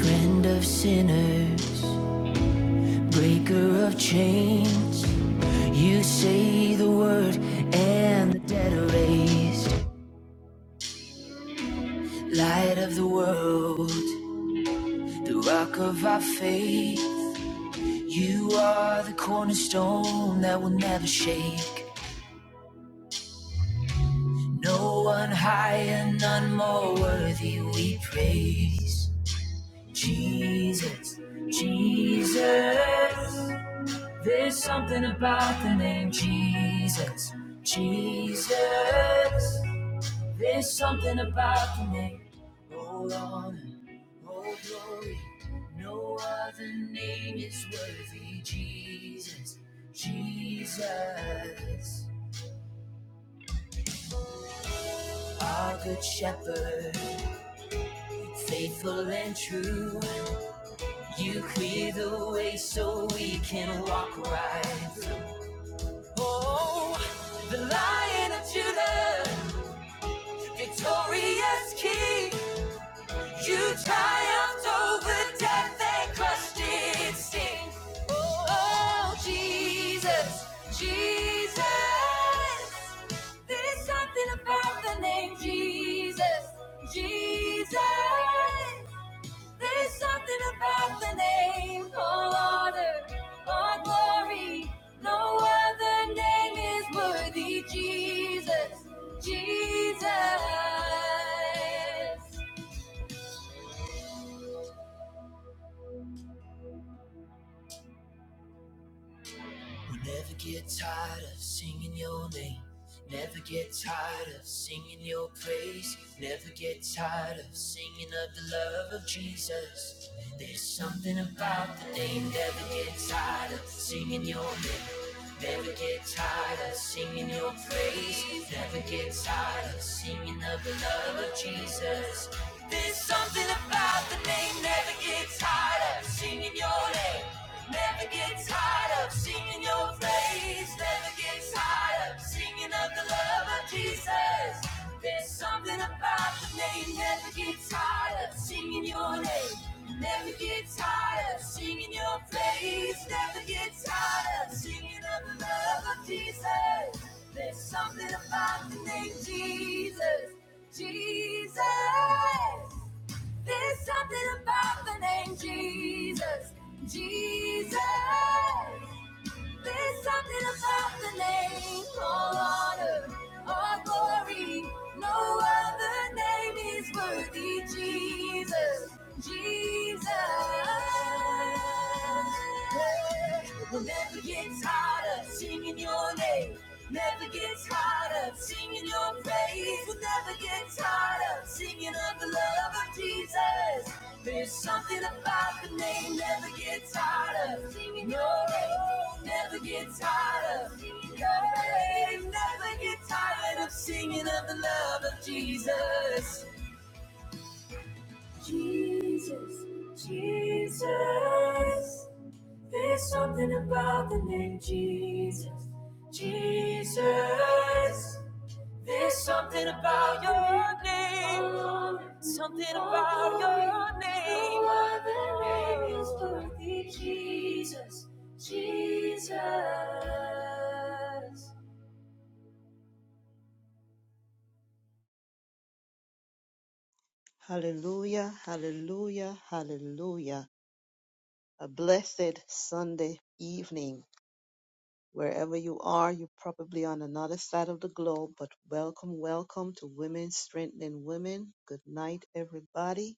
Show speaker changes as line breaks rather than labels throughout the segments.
Friend of sinners, breaker of chains. You say the word and the dead are raised. Light of the world, the rock of our faith. You are the cornerstone that will never shake. No one higher, none more worthy we praise. Jesus, Jesus. There's something about the name Jesus, Jesus. There's something about the name. all honor, all glory. No other name is worthy, Jesus, Jesus. Our good shepherd, faithful and true. You clear the way so we can walk right through. Oh, the lion of Judah. Victorious King, you triumphed over death and crushed its sting. Oh, Jesus, Jesus, there's something about the name Jesus, Jesus. There's something about the name, all honor, all glory. No other name is worthy, Jesus, Jesus. We'll never get tired of singing your name. Never get tired of singing your praise. Never get tired of singing of the love of Jesus. There's something about the name. Never get tired of singing your name. Never get tired of singing your praise. Never get tired of singing of the love of Jesus. There's something about the name. Never get tired of singing your name. Never get tired of singing your praise never gets tired of singing of the love of Jesus. There's something about the name, never gets tired of singing your name. Never get tired of singing your praise. Never get tired of singing of the love of Jesus. There's something about the name Jesus. Jesus. There's something about the name Jesus. Jesus. There's something about the name, all honor, all glory. No other name is worthy, Jesus, Jesus. We'll never get tired of singing your name. Never get tired of singing your praise. We'll never get tired of singing of the love of Jesus. There's something about the name. Never get tired of singing your name. Never get tired of singing your praise. Never get tired of singing of the love of Jesus. Jesus, Jesus. There's something about the name Jesus, Jesus. There's something about your name, something about your name. No other name is worthy, Jesus, Jesus.
Hallelujah, hallelujah, hallelujah. A blessed Sunday evening. Wherever you are, you're probably on another side of the globe, but welcome, welcome to Women Strengthening Women. Good night, everybody.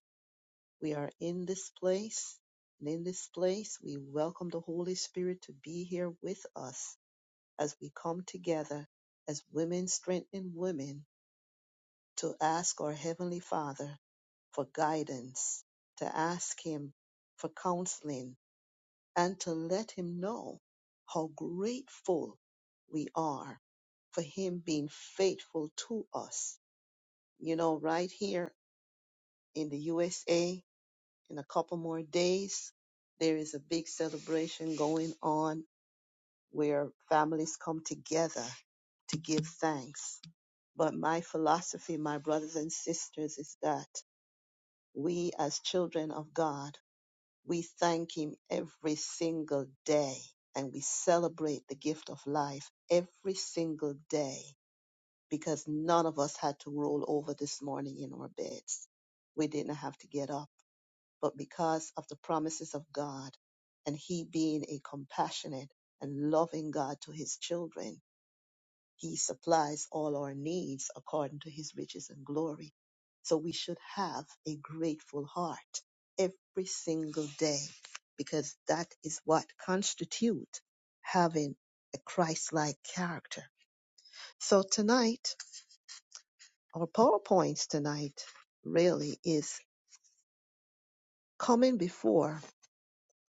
We are in this place, and in this place, we welcome the Holy Spirit to be here with us as we come together as women strengthening women to ask our Heavenly Father for guidance, to ask Him for counseling, and to let Him know how grateful we are for Him being faithful to us. You know, right here in the USA, in a couple more days, there is a big celebration going on where families come together to give thanks. But my philosophy, my brothers and sisters, is that we as children of God, We thank Him every single day and we celebrate the gift of life every single day because none of us had to roll over this morning in our beds. We didn't have to get up, but because of the promises of God and He being a compassionate and loving God to His children, he supplies all our needs according to his riches and glory. So we should have a grateful heart every single day because that is what constitutes having a Christ-like character. So tonight, our PowerPoints tonight really is coming before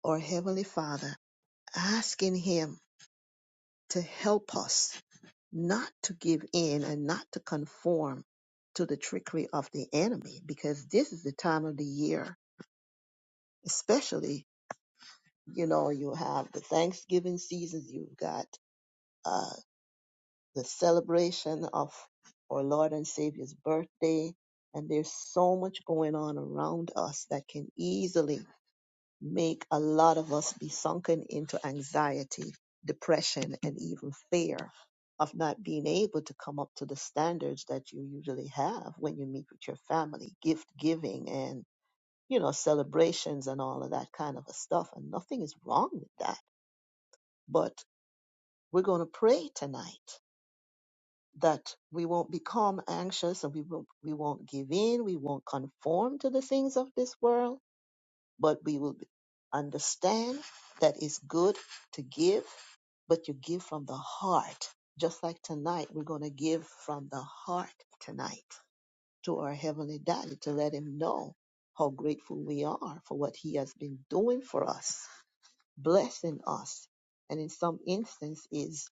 our Heavenly Father, asking Him to help us not to give in and not to conform to the trickery of the enemy because this is the time of the year, especially, you know, you have the Thanksgiving seasons, you've got uh, the celebration of our Lord and Savior's birthday, and there's so much going on around us that can easily make a lot of us be sunken into anxiety, depression, and even fear of not being able to come up to the standards that you usually have when you meet with your family, gift giving and, you know, celebrations and all of that kind of a stuff. And nothing is wrong with that. But we're going to pray tonight that we won't become anxious and we won't, we won't give in. We won't conform to the things of this world but we will understand that it's good to give, but you give from the heart. Just like tonight, we're going to give from the heart tonight to our Heavenly Daddy to let Him know how grateful we are for what He has been doing for us, blessing us. And in some instance, is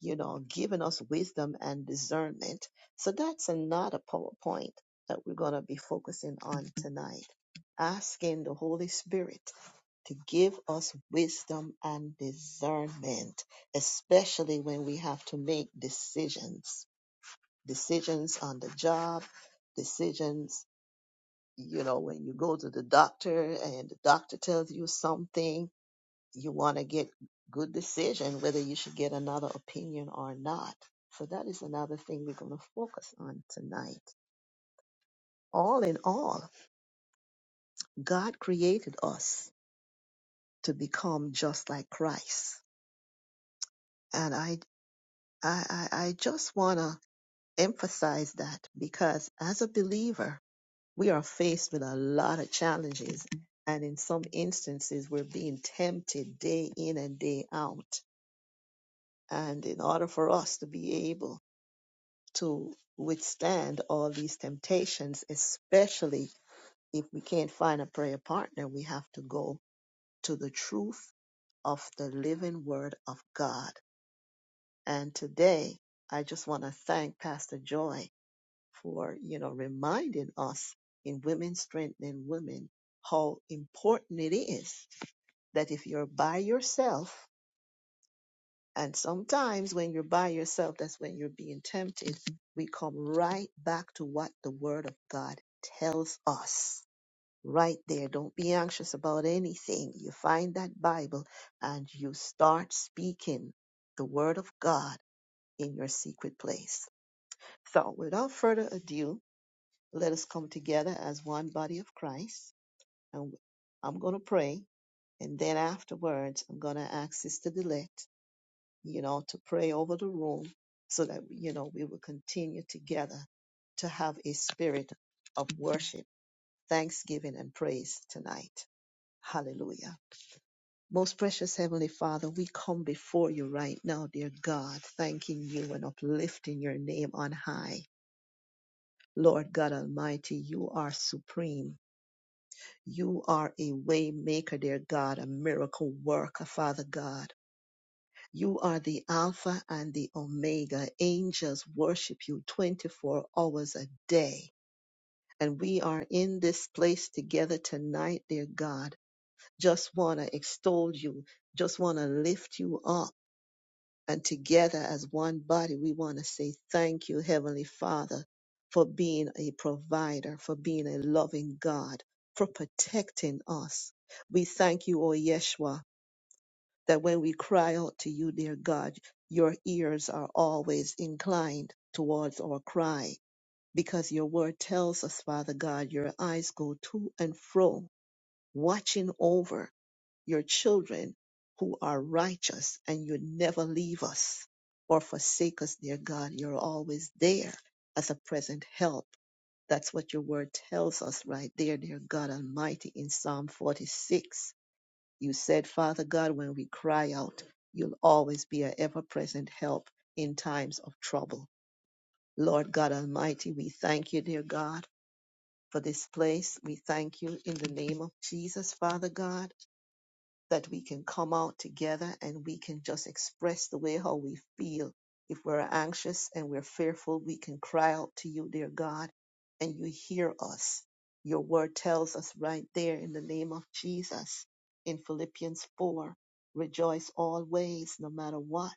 you know, giving us wisdom and discernment. So that's another PowerPoint that we're going to be focusing on tonight. Asking the Holy Spirit to give us wisdom and discernment, especially when we have to make decisions, decisions on the job, decisions, you know, when you go to the doctor and the doctor tells you something you want to get good decision whether you should get another opinion or not. So that is another thing we're going to focus on tonight. All in all, God created us to become just like Christ. And I I I, I just want to emphasize that because as a believer, we are faced with a lot of challenges and in some instances we're being tempted day in and day out. And in order for us to be able to withstand all these temptations, especially if we can't find a prayer partner, we have to go to the truth of the living word of God. And today, I just want to thank Pastor Joy for, you know, reminding us in Women Strengthening Women how important it is that if you're by yourself, And sometimes when you're by yourself, that's when you're being tempted. We come right back to what the Word of God tells us. Right there. Don't be anxious about anything. You find that Bible and you start speaking the Word of God in your secret place. So, without further ado, let us come together as one body of Christ. And I'm going to pray. And then afterwards, I'm going to ask Sister Delette you know, to pray over the room so that, you know, we will continue together to have a spirit of worship, thanksgiving, and praise tonight. Hallelujah. Most precious Heavenly Father, we come before you right now, dear God, thanking you and uplifting your name on high. Lord God Almighty, you are supreme. You are a way maker, dear God, a miracle worker, Father God. You are the Alpha and the Omega. Angels worship you 24 hours a day. And we are in this place together tonight, dear God. Just want to extol you, just want to lift you up. And together as one body, we want to say thank you, Heavenly Father, for being a provider, for being a loving God, for protecting us. We thank you, O Yeshua that when we cry out to you, dear God, your ears are always inclined towards our cry, because your word tells us, Father God, your eyes go to and fro, watching over your children who are righteous, and you never leave us or forsake us, dear God. You're always there as a present help. That's what your word tells us right there, dear God Almighty, in Psalm 46. You said, Father God, when we cry out, you'll always be an ever present help in times of trouble. Lord God Almighty, we thank you, dear God, for this place. We thank you in the name of Jesus, Father God that we can come out together and we can just express the way how we feel. If we're anxious and we're fearful, we can cry out to you, dear God, and you hear us. Your word tells us right there in the name of Jesus in Philippians 4 rejoice always, no matter what.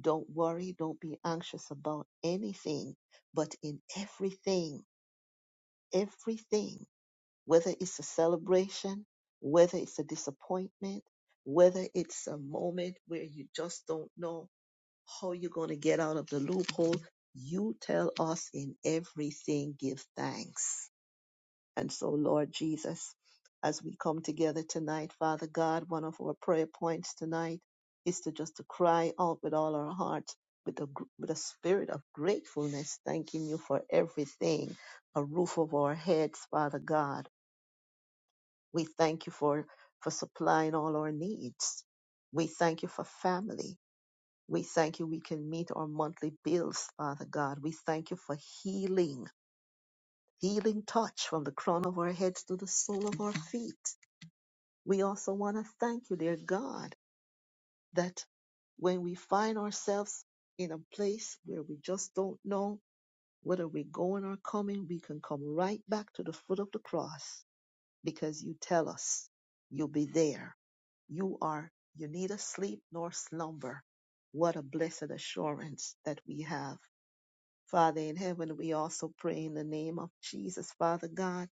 Don't worry, don't be anxious about anything, but in everything, everything whether it's a celebration, whether it's a disappointment, whether it's a moment where you just don't know how you're going to get out of the loophole, you tell us in everything, give thanks. And so, Lord Jesus, as we come together tonight, Father God, one of our prayer points tonight is to just to cry out with all our hearts, with a, gr- with a spirit of gratefulness, thanking you for everything, a roof over our heads, Father God we thank you for, for supplying all our needs. We thank you for family. We thank you we can meet our monthly bills, Father God. We thank you for healing, healing touch from the crown of our heads to the sole of our feet. We also want to thank you, dear God, that when we find ourselves in a place where we just don't know whether we're going or coming, we can come right back to the foot of the cross because you tell us you'll be there. You are, you neither sleep nor slumber. What a blessed assurance that we have. Father in heaven, we also pray in the name of Jesus, Father God,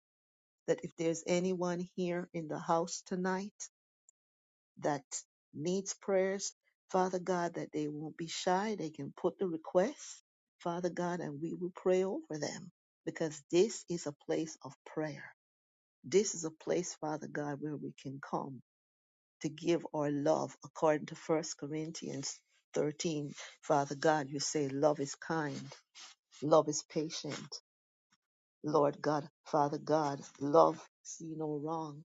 that if there's anyone here in the house tonight that needs prayers, Father God, that they won't be shy. They can put the request, Father God, and we will pray over them because this is a place of prayer. This is a place, Father God, where we can come to give our love according to First Corinthians 13. Father God, you say love is kind, love is patient. Lord God, Father God, love see no wrong,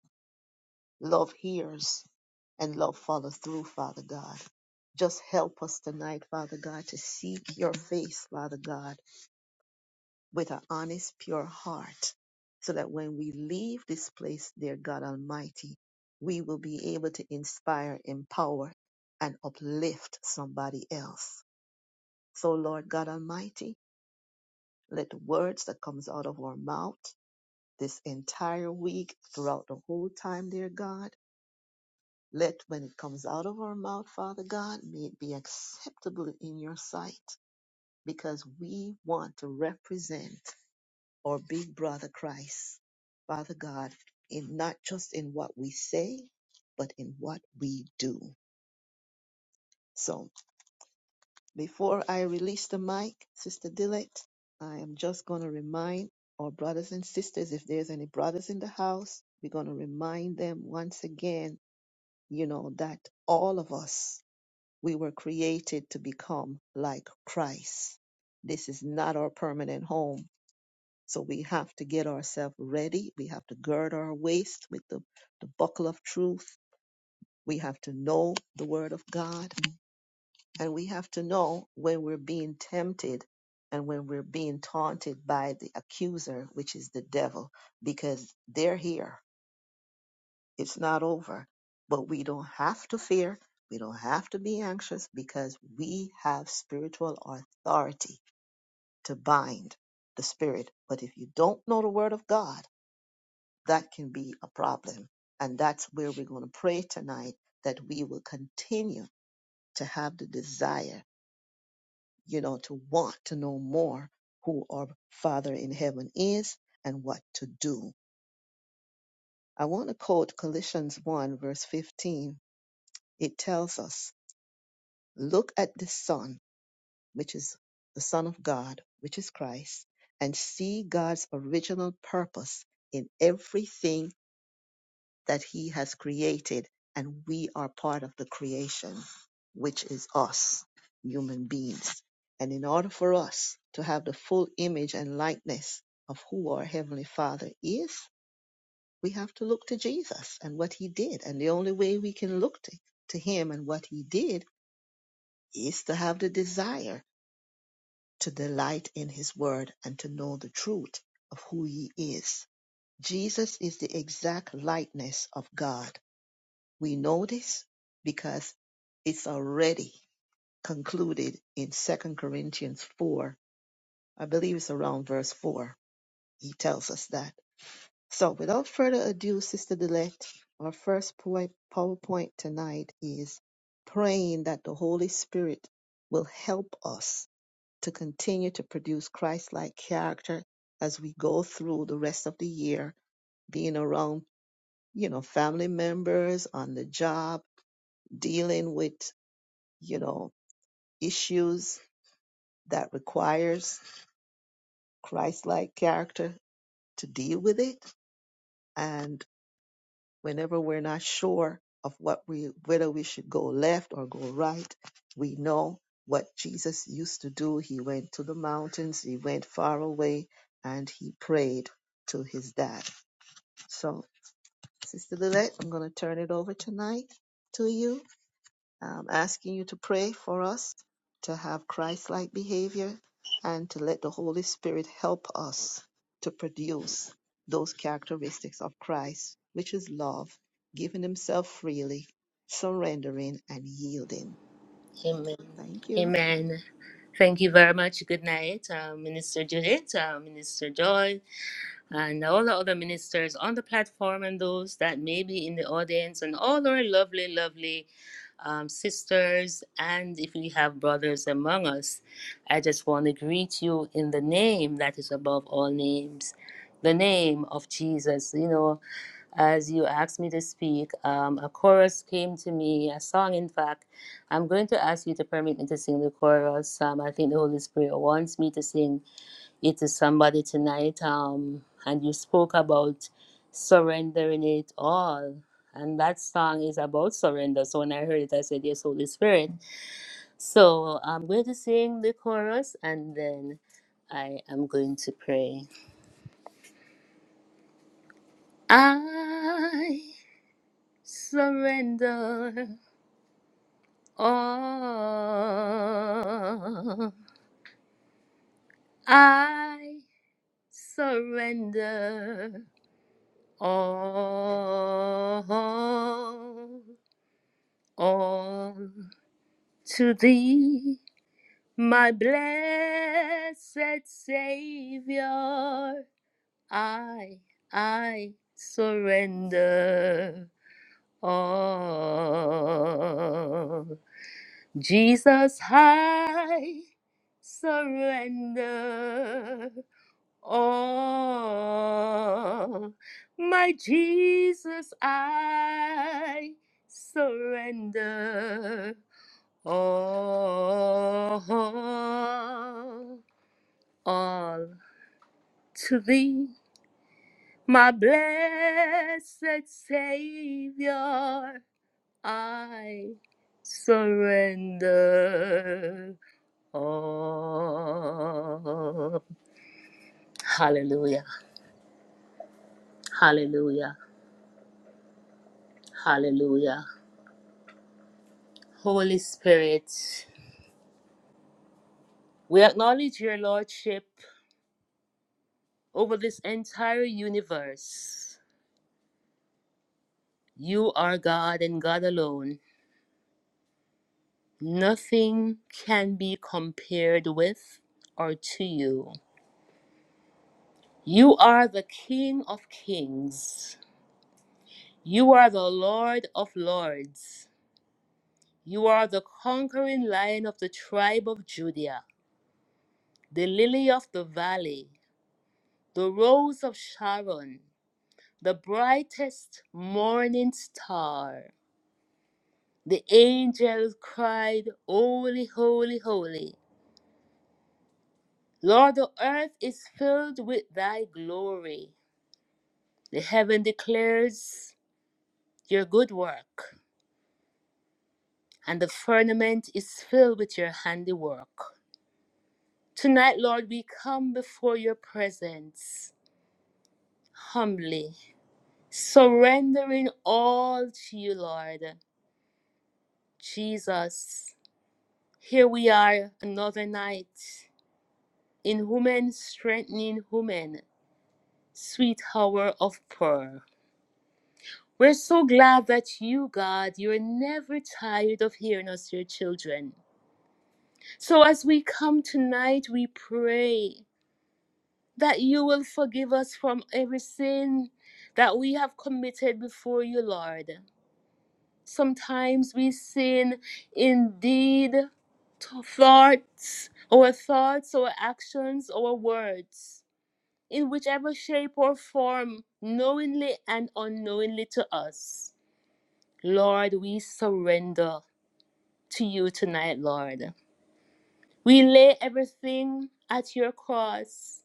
love hears, and love follows through, Father God. Just help us tonight, Father God, to seek your face, Father God with an honest, pure heart, so that when we leave this place, dear God Almighty, we will be able to inspire, empower, and uplift somebody else. So, Lord God Almighty, let the words that comes out of our mouth this entire week, throughout the whole time, dear God, let when it comes out of our mouth, Father God, may it be acceptable in your sight, because we want to represent. or big brother Christ, Father God, in not just in what we say, but in what we do. So before I release the mic, Sister Dillett, I am just going to remind our brothers and sisters, if there's any brothers in the house, we're going to remind them once again, you know, that all of us, we were created to become like Christ. This is not our permanent home So we have to get ourselves ready. We have to gird our waist with the, the buckle of truth. We have to know the word of God. And we have to know when we're being tempted and when we're being taunted by the accuser, which is the devil, because they're here. It's not over. But we don't have to fear. We don't have to be anxious because we have spiritual authority to bind the spirit. But if you don't know the word of God, that can be a problem. And that's where we're going to pray tonight that we will continue to have the desire, you know, to want to know more who our Father in heaven is and what to do. I want to quote Colossians 1, verse 15. It tells us, Look at the Son, which is the Son of God, which is Christ, and see God's original purpose in everything that he has created and we are part of the creation which is us human beings and in order for us to have the full image and likeness of who our heavenly father is we have to look to jesus and what he did and the only way we can look to, to him and what he did is to have the desire to delight in his word and to know the truth of who he is jesus is the exact likeness of god We know this because it's already concluded in Second Corinthians 4. I believe it's around verse 4. He tells us that. So, without further ado, Sister Delette, our first poi- PowerPoint tonight is praying that the Holy Spirit will help us to continue to produce Christ like character as we go through the rest of the year, being around, you know, family members, on the job, dealing with you know, issues that requires Christ-like character to deal with it. And whenever we're not sure of what we, whether we should go left or go right, we know what Jesus used to do. He went to the mountains, he went far away, and he prayed to his dad. So, Sister Lillette, I'm going to turn it over tonight to you. I'm asking you to pray for us to have Christ like behavior and to let the Holy Spirit help us to produce those characteristics of Christ, which is love, giving Himself freely, surrendering, and yielding.
Amen.
Thank you.
Amen. Thank you very much. Good night, uh, Minister Judith, uh, Minister Joy, and all the other ministers on the platform and those that may be in the audience, and all our lovely, lovely um, sisters, and if we have brothers among us. I just want to greet you in the name that is above all names, the name of Jesus. You know, as you asked me to speak. Um, a chorus came to me, a song, in fact. I'm going to ask you to permit me to sing the chorus. Um, I think the Holy Spirit wants me to sing it to somebody tonight. Um, and you spoke about surrendering it all. And that song is about surrender. So when I heard it, I said, Yes, Holy Spirit. So I'm going to sing the chorus and then I am going to pray. I surrender. all. I surrender all, all to thee, my blessed Savior. I, I surrender all. Jesus, I surrender all. My Jesus, I surrender all, all to thee, my blessed Savior. I surrender all. Hallelujah, hallelujah, hallelujah. Holy Spirit, we acknowledge your Lordship over this entire universe. You are God and God alone. Nothing can be compared with or to you. You are the King of kings. You are the Lord of lords. You are the conquering lion of the tribe of Judah, the lily of the valley, the rose of Sharon the brightest morning star. The angels cried, Holy, holy, holy. Lord, the earth is filled with thy glory. The heaven declares your good work, and the firmament is filled with your handiwork. Tonight, Lord, we come before your presence humbly, surrendering all to you, Lord. Jesus, here we are another night in woman strengthening woman, sweet hour of prayer. We're so glad that you, God, you're never tired of hearing us, your children. So as we come tonight, we pray that you will forgive us from every sin that we have committed before you, Lord. Sometimes we sin indeed, thoughts, our thoughts, our actions, our words. in whichever shape or form, knowingly and unknowingly to us. Lord, we surrender to you tonight, Lord. We lay everything at your cross.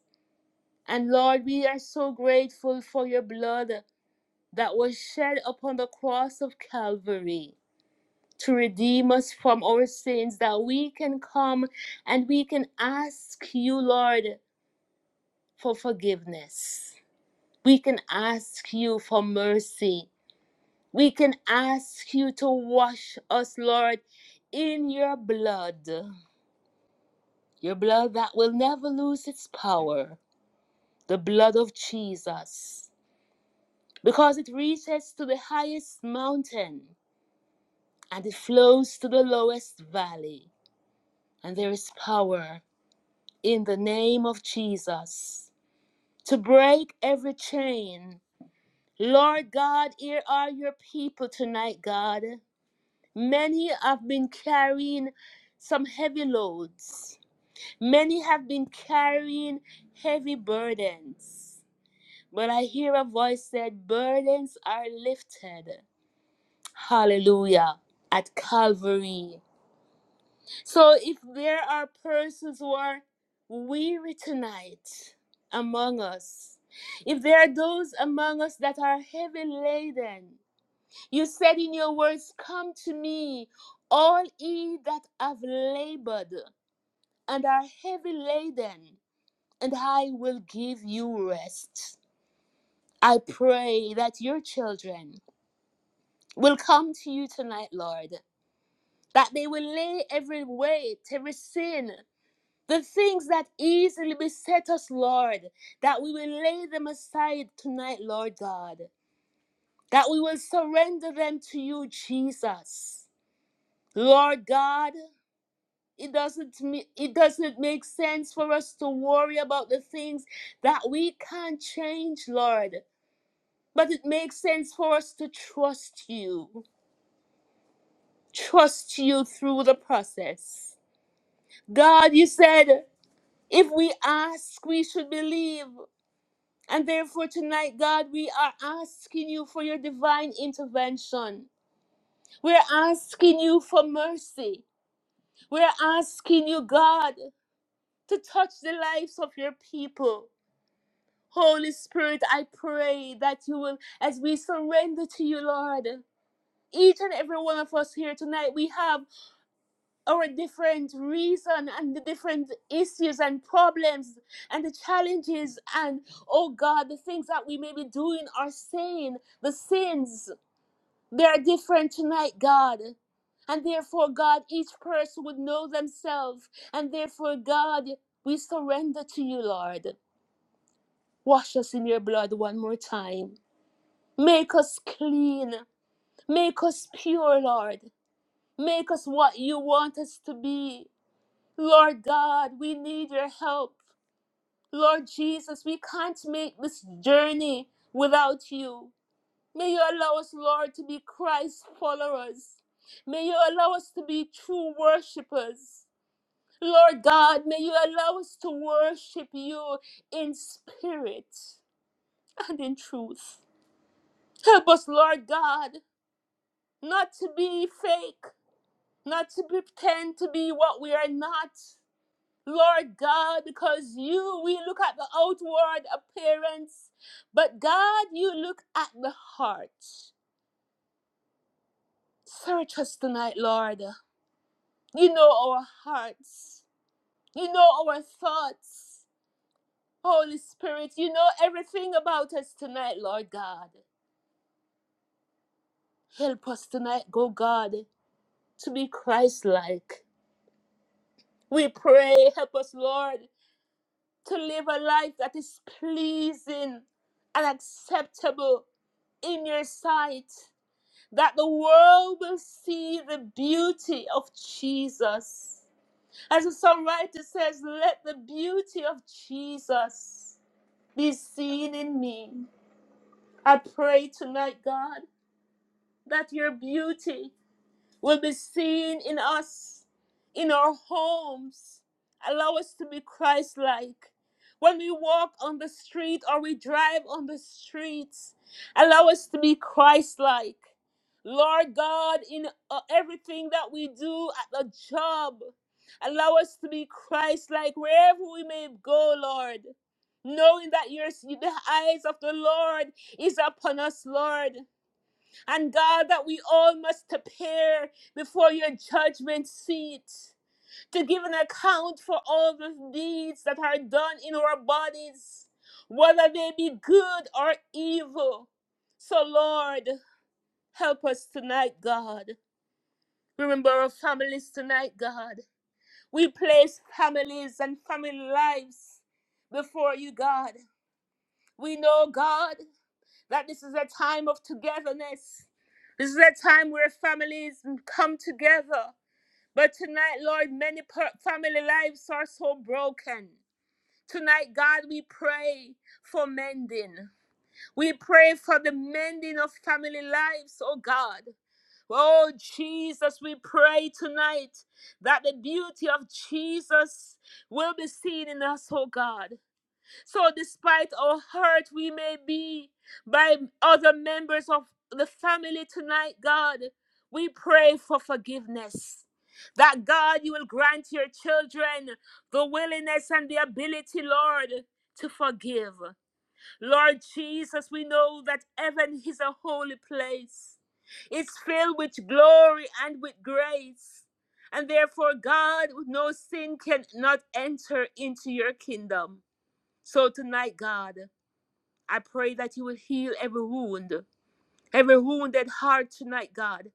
And Lord, we are so grateful for your blood that was shed upon the cross of Calvary to redeem us from our sins, that we can come and we can ask you, Lord, for forgiveness. We can ask you for mercy We can ask you to wash us, Lord, in your blood, your blood that will never lose its power, the blood of Jesus, because it reaches to the highest mountain and it flows to the lowest valley. And there is power in the name of Jesus to break every chain. Lord God, here are your people tonight, God. Many have been carrying some heavy loads. Many have been carrying heavy burdens. But I hear a voice said, Burdens are lifted. Hallelujah. At Calvary. So if there are persons who are weary tonight among us, if there are those among us that are heavy laden, you said in your words, Come to me, all ye that have labored and are heavy laden, and I will give you rest. I pray that your children will come to you tonight, Lord, that they will lay every weight, every sin, the things that easily beset us, Lord, that we will lay them aside tonight, Lord God, that we will surrender them to you, Jesus. Lord God, it doesn't me- it doesn't make sense for us to worry about the things that we can't change lord but it makes sense for us to trust you trust you through the process god you said if we ask we should believe and therefore tonight god we are asking you for your divine intervention we're asking you for mercy we're asking you god to touch the lives of your people Holy Spirit, I pray that you will, as we surrender to you, Lord, each and every one of us here tonight, we have our different reason and the different issues and problems and the challenges and, oh God, the things that we may be doing or saying, the sins, they are different tonight, God. And therefore, God, each person would know themselves. And therefore, God, we surrender to you, Lord. Wash us in your blood one more time. Make us clean. Make us pure, Lord. Make us what you want us to be. Lord God, we need your help. Lord Jesus, we can't make this journey without you. May you allow us, Lord, to be Christ followers. May you allow us to be true worshippers. Lord God, may you allow us to worship you in spirit and in truth. Help us, Lord God, not to be fake, not to pretend to be what we are not, Lord God, because you, we look at the outward appearance, but God, you look at the heart. Search us tonight, Lord. You know our hearts, you know our thoughts. Holy Spirit, you know everything about us tonight, Lord God. Help us tonight, go God, to be Christ like. We pray, help us, Lord. to live a life that is pleasing and acceptable in your sight, that the world will see the beauty of Jesus. As the songwriter says, let the beauty of Jesus be seen in me. I pray tonight, God, that your beauty will be seen in us, in our homes. Allow us to be Christ like. When we walk on the street or we drive on the streets, allow us to be Christ like. Lord God, in uh, everything that we do at the job, allow us to be Christ like wherever we may go, Lord. Knowing that your, the eyes of the Lord is upon us, Lord. And God, that we all must appear before your judgment seat to give an account for all the deeds that are done in our bodies, whether they be good or evil. So, Lord, help us tonight, God. Remember our families tonight, God. We place families and family lives before you, God. We know, God. that this is a time of togetherness. This is a time where families come together. But tonight, Lord, many per- family lives are so broken. Tonight, God, we pray for mending. We pray for the mending of family lives, oh God. Oh Jesus, we pray tonight that the beauty of Jesus will be seen in us, oh God. So, despite how hurt we may be by other members of the family tonight, God, we pray for forgiveness. That God, you will grant your children the willingness and the ability, Lord, to forgive. Lord Jesus, we know that heaven is a holy place, it's filled with glory and with grace. And therefore, God, no sin cannot enter into your kingdom. So tonight, God, I pray that you will heal every wound, every wounded heart tonight, God.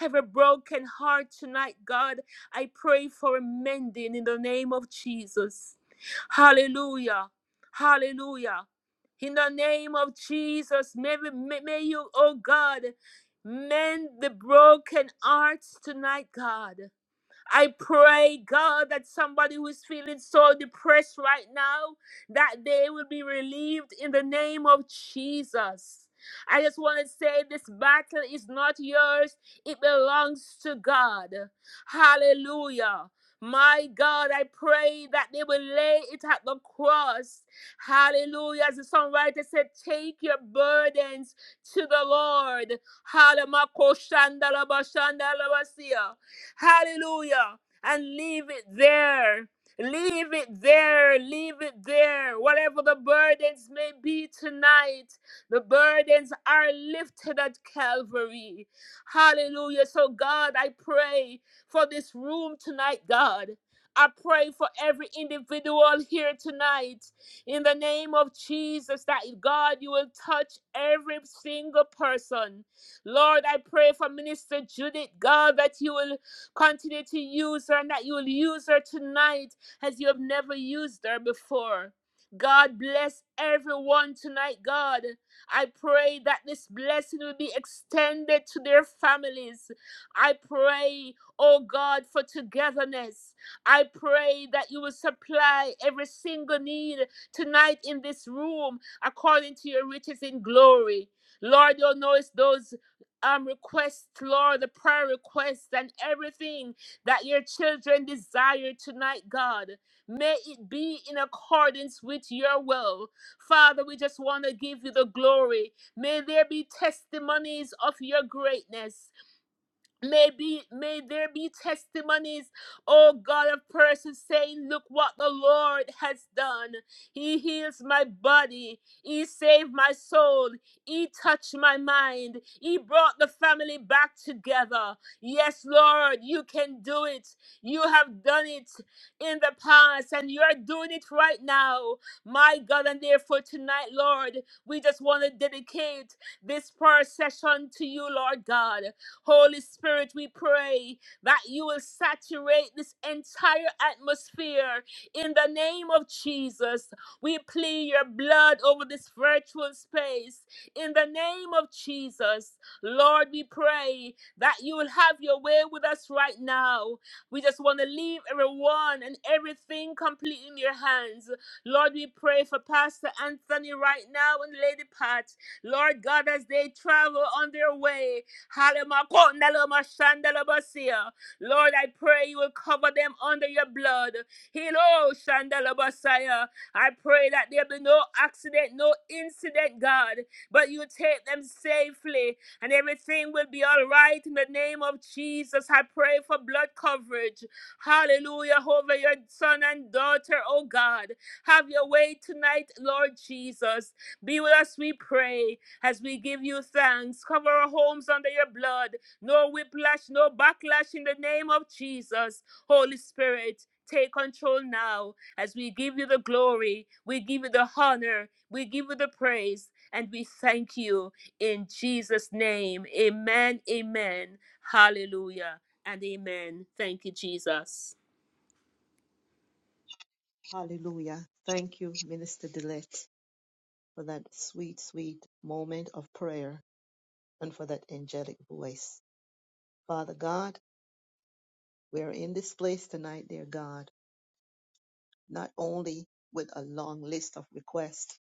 Every broken heart tonight, God, I pray for mending in the name of Jesus. Hallelujah. Hallelujah. In the name of Jesus, may, we- may may you, oh God, mend the broken hearts tonight, God. I pray, God, that somebody who is feeling so depressed right now, that they will be relieved in the name of Jesus. I just want to say this battle is not yours, it belongs to God. Hallelujah. My God, I pray that they will lay it at the cross. Hallelujah. As the songwriter said, take your burdens to the Lord. Hallelujah. Hallelujah. And leave it there. Leave it there. Leave it there. Whatever the burdens may be tonight, the burdens are lifted at Calvary. Hallelujah. So, God, I pray for this room tonight, God. I pray for every individual here tonight in the name of Jesus that God, you will touch every single person. Lord, I pray for Minister Judith, God, that you will Continue to use her and that you will use her tonight as you have never used her before. God bless everyone tonight, God. I pray that this blessing will be extended to their families. I pray, oh God, for togetherness. I pray that you will supply every single need tonight in this room according to your riches in glory. Lord, you know it's those um requests, Lord, the prayer requests and everything that your children desire tonight, God. May it be in accordance with your will. Father, we just want to give you the glory. May there be testimonies of your greatness. May be may there be testimonies, oh God of persons saying, Look what the Lord has done. He heals my body, He saved my soul, He touched my mind, He brought the family back together. Yes, Lord, you can do it. You have done it in the past, and you are doing it right now. My God, and therefore tonight, Lord, we just want to dedicate this prayer session to you, Lord God. Holy Spirit, we pray that you will saturate this entire atmosphere in the name of Jesus. We plead your blood over this virtual space in the name of Jesus. Lord, we pray that you will have your way with us right now. We just want to leave everyone and everything completely in your hands. Lord, we pray for Pastor Anthony right now and Lady Pat. Lord God, as they travel on their way, Hallelujah. Lord, I pray you will cover them under your blood. Hello, Shandalabasaya. I pray that there be no accident, no incident, God, but you take them safely and everything will be all right in the name of Jesus. I pray for blood coverage. Hallelujah, over your son and daughter, oh God. Have your way tonight, Lord Jesus. Be with us, we pray as we give you thanks. Cover our homes under your blood. No whiplash, no backlash in the name of Jesus. Holy Spirit, take control now as we give you the glory, we give you the honor, we give you the praise, and we thank you in Jesus' name. Amen, amen, hallelujah, and amen. Thank you, Jesus.
Hallelujah. Thank you, Minister Dillette, for that sweet, sweet moment of prayer and for that angelic voice. Father God, we are in this place tonight, dear God not only with a long list of requests,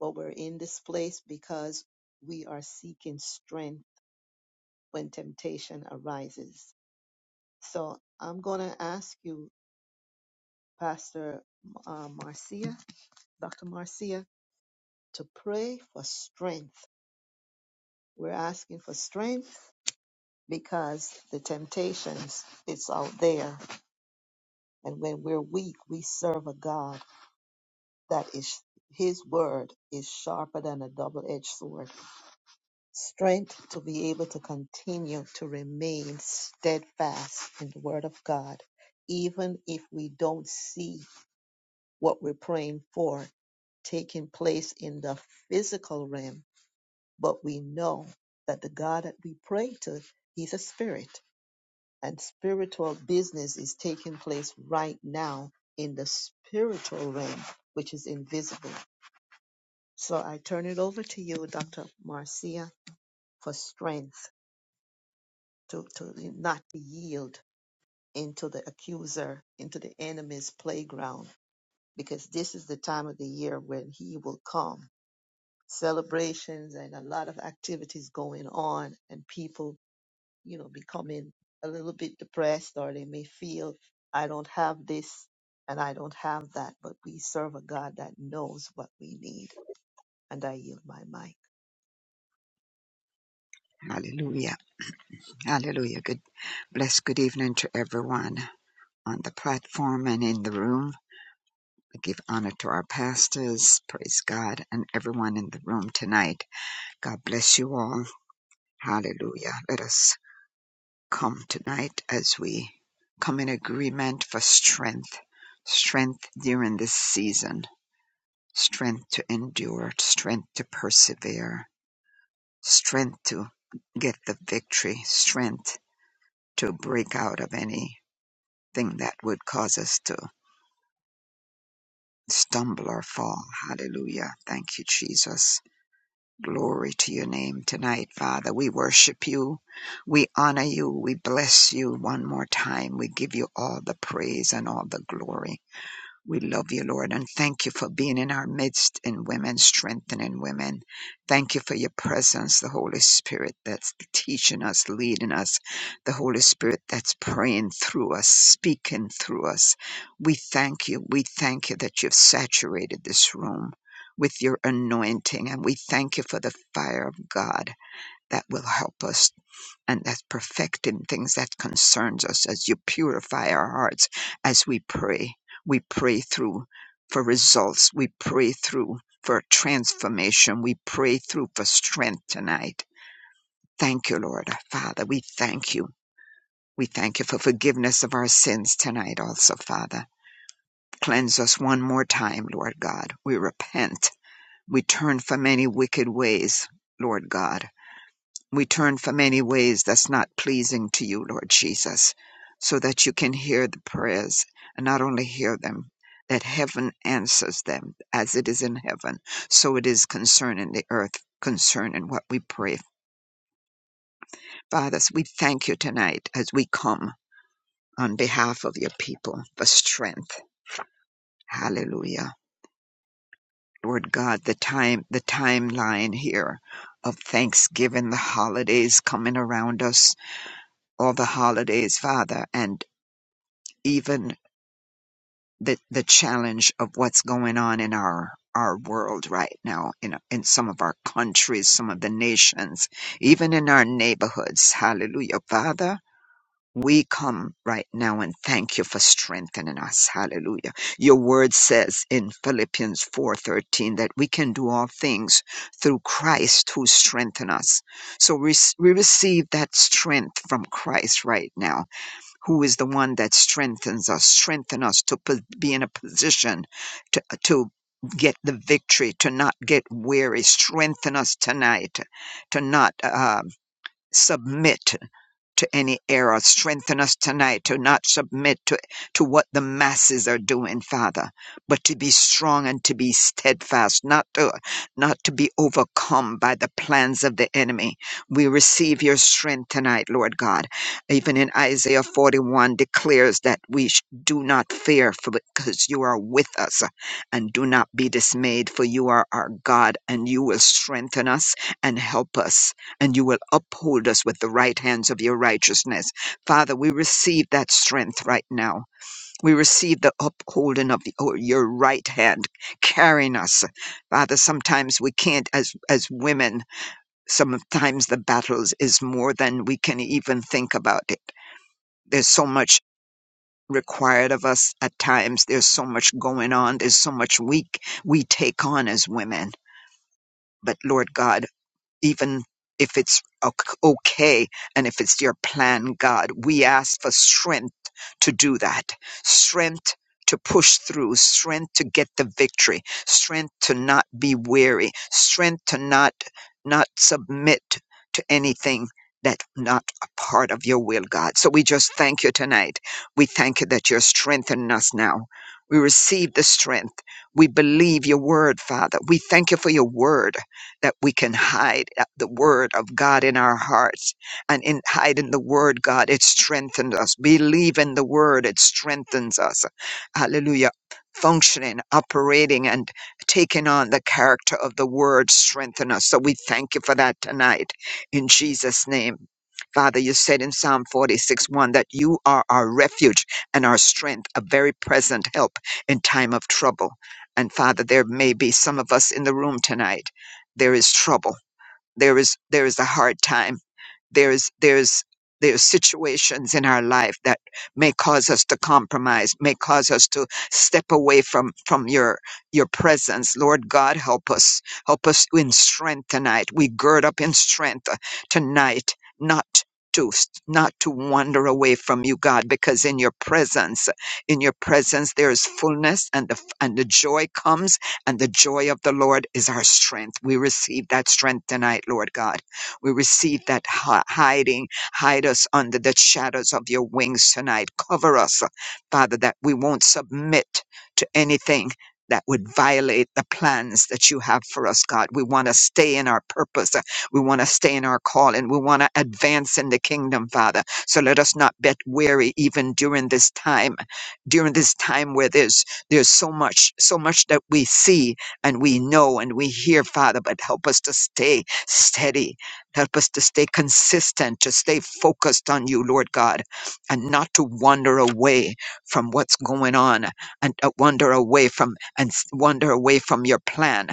but we're in this place because we are seeking strength when temptation arises. So I'm going to ask you, Pastor uh, Marcia, Dr. Marcia, to pray for strength. We're asking for strength because the temptations, it's out there. And when we're weak, we serve a God that is, his word is sharper than a double edged sword strength to be able to continue to remain steadfast in the Word of God, even if we don't see what we're praying for taking place in the physical realm. But we know that the God that we pray to, He's a spirit, and spiritual business is taking place right now in the spiritual realm, which is invisible. So I turn it over to you, Dr. Marcia, for strength to, to not yield into the accuser, into the enemy's playground, because this is the time of the year when he will come. Celebrations and a lot of activities going on, and people, you know, becoming a little bit depressed, or they may feel, I don't have this and I don't have that. But we serve a God that knows what we need. And I yield my mic.
Hallelujah. Hallelujah. Good blessed good evening to everyone on the platform and in the room. I give honor to our pastors, praise God, and everyone in the room tonight. God bless you all. Hallelujah. Let us come tonight as we come in agreement for strength. Strength during this season. Strength to endure. Strength to persevere. Strength to get the victory. Strength to break out of any thing that would cause us to stumble or fall. Hallelujah. Thank you, Jesus. Glory to your name tonight, Father. We worship you. We honor you. We bless you one more time. We give you all the praise and all the glory. We love you, Lord, and thank you for being in our midst In women, strengthening women. Thank you for your presence, the Holy Spirit that's teaching us, leading us, the Holy Spirit that's praying through us, speaking through us. We thank you. We thank you that you've saturated this room with your anointing, and we thank you for the fire of God that will help us and that's perfecting things that concerns us as you purify our hearts as we pray we pray through for results we pray through for transformation we pray through for strength tonight thank you lord father we thank you we thank you for forgiveness of our sins tonight also father cleanse us one more time lord god we repent we turn from any wicked ways lord god we turn from any ways that's not pleasing to you, Lord Jesus, so that you can hear the prayers and not only hear them, that heaven answers them as it is in heaven, so it is concerning the earth, concerning what we pray. Fathers, we thank you tonight as we come on behalf of your people for strength. Hallelujah. Lord God, the time, the timeline here of Thanksgiving, the holidays coming around us, all the holidays, Father, and even the the challenge of what's going on in our our world right now in in some of our countries some of the nations even in our neighborhoods hallelujah father we come right now and thank you for strengthening us hallelujah your word says in philippians 4:13 that we can do all things through christ who strengthens us so we, we receive that strength from christ right now who is the one that strengthens us, strengthen us to po- be in a position to, to get the victory, to not get weary, strengthen us tonight, to not um submit, to any error. Strengthen us tonight to not submit to, to what the masses are doing, Father, but to be strong and to be steadfast, not to, not to be overcome by the plans of the enemy. We receive your strength tonight, Lord God. Even in Isaiah 41 declares that we sh- do not fear for because you are with us and do not be dismayed for you are our God and you will strengthen us and help us and you will uphold us with the right hands of your righteousness. Father, we receive that strength right now. We receive the upholding of your your right hand carrying us. Father, sometimes we can't, as, as women, sometimes the battles is more than we can even think about it. There's so much required of us at times. There's so much going on. There's so much weak we take on as women. But Lord God, even if it's ok- okay and if it's your plan, God. We ask for strength to do that, strength to push through, strength to get the victory, strength to not be weary, strength to not not submit to anything that's not a part of your will, God. So we just thank you tonight. We thank you that you're strengthening us now. We receive the strength. We believe your word, Father. We thank you for your word that we can hide uh, the word of God in our hearts. And in hiding the word, God, it strengthens us. Believe in the word, it strengthens us. Hallelujah. Functioning, operating, and taking on the character of the word strengthen us. So we thank you for that tonight in Jesus' name. Father, you said in Psalm 46 1 that you are our refuge and our strength, a very present help in time of trouble. And Father, there may be some of us in the room tonight. There is trouble. There is there is a hard time there's there's there's situations in our life that may cause us to compromise may cause us to step away from from your your presence lord god help us help us in strength tonight we gird up in strength uh, tonight not to not to wander away from you god because in your presence in your presence there is fullness and the and the joy comes and the joy of the lord is our strength we receive that strength tonight lord god we receive that hi- hiding. Hide us under the shadows of your wings tonight. Cover us, Father, that we won't submit to anything that would violate the plans that you have for us, God. We want to stay in our purpose. uh, We want to stay in our calling. We want to advance in the kingdom, Father. So let us not get weary even during this time, during this time where there's there's so much, so much that we see and we know and we hear, Father, but help us to stay steady Help us to stay consistent, to stay focused on you, Lord God, and not to wander away from what's going on and uh, wander away from and s- wander away from your plan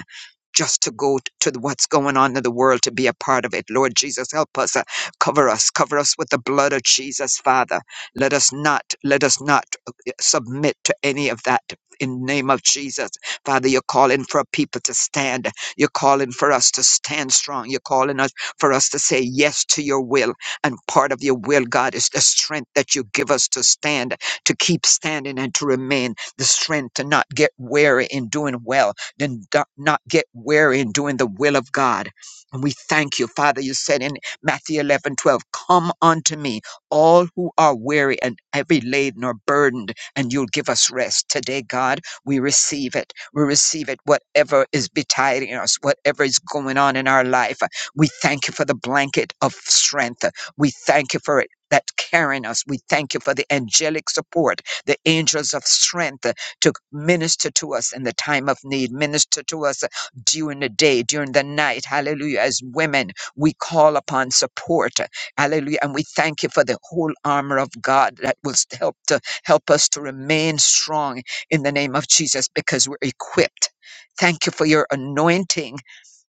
just to go t- to the- what's going on in the world to be a part of it. Lord Jesus, help us, uh, cover us, cover us with the blood of Jesus, Father. Let us not, let us not uh, uh, submit to any of that. In the name of Jesus, Father, you're calling for a people to stand. You're calling for us to stand strong. You're calling us for us to say yes to your will. And part of your will, God, is the strength that you give us to stand, to keep standing and to remain, the strength to not get weary in doing well, then do- not get weary in doing the will of God. And we thank you, Father. You said in Matthew 11 12, Come unto me, all who are weary and heavy laden or burdened, and you'll give us rest. Today, God, we receive it. We receive it, whatever is betiding us, whatever is going on in our life. We thank you for the blanket of strength. We thank you for it. That's carrying us. We thank you for the angelic support, the angels of strength uh, to minister to us in the time of need, minister to us uh, during the day, during the night. Hallelujah. As women, we call upon support. uh, Hallelujah. And we thank you for the whole armor of God that will s- help to help us to remain strong in the name of Jesus because we're equipped. Thank you for your anointing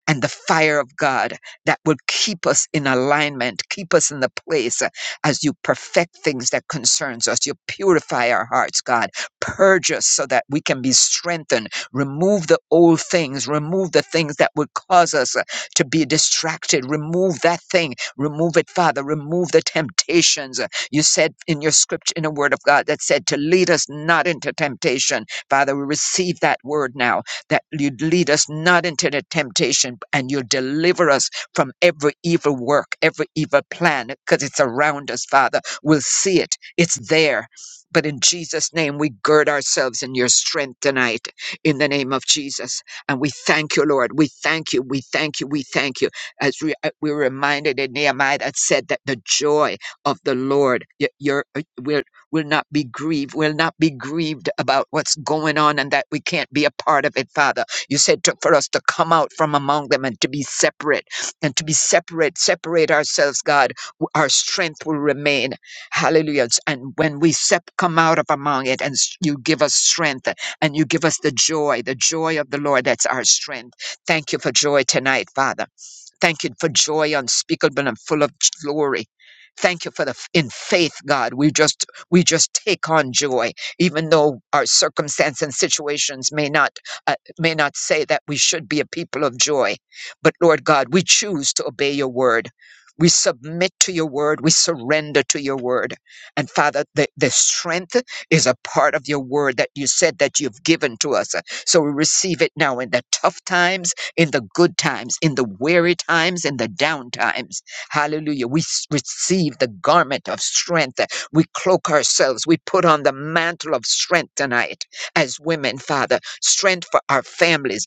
and the fire of God that will keep us in alignment, keep us in the place uh, as you perfect things that concerns us. You purify our hearts, God. Purge us so that we can be strengthened. Remove the old things. Remove the things that would cause us uh, to be distracted. Remove that thing. Remove it, Father. Remove the temptations. Uh, You said in your scripture, in the word of God that said to lead us not into temptation. Father, we receive that word now that you'd lead us not into the temptation and you'll deliver us from every evil work, every evil plan, because it's around us, Father. We'll see it, it's there. But in Jesus' name, we gird ourselves in your strength tonight, in the name of Jesus. And we thank you, Lord. We thank you. We thank you. We thank you. As we, uh, we were reminded in Nehemiah that said that the joy of the Lord, y- your, uh, will will not be grieved, will not be grieved about what's going on and that we can't be a part of it, Father. You said to, for us to come out from among them and to be separate and to be separate, separate ourselves, God. w- Our strength will remain. Hallelujah. S- And when we sep- come out of among it and s- you give us strength and you give us the joy, the joy of the Lord, that's our strength. Thank you for joy tonight, Father. Thank you for joy unspeakable and full of glory. Thank you for the in faith, God. We just we just take on joy, even though our circumstance and situations may not uh, may not say that we should be a people of joy. But Lord God, we choose to obey Your word. We submit to Your word. We surrender to Your word. And Father, the, the strength is a part of Your word that You said that You've given to us. So we receive it now in the tough times in the good times, in the weary times, in the down times. Hallelujah. We s- receive the garment of strength. We cloak ourselves. We put on the mantle of strength tonight as women, Father. Strength for our families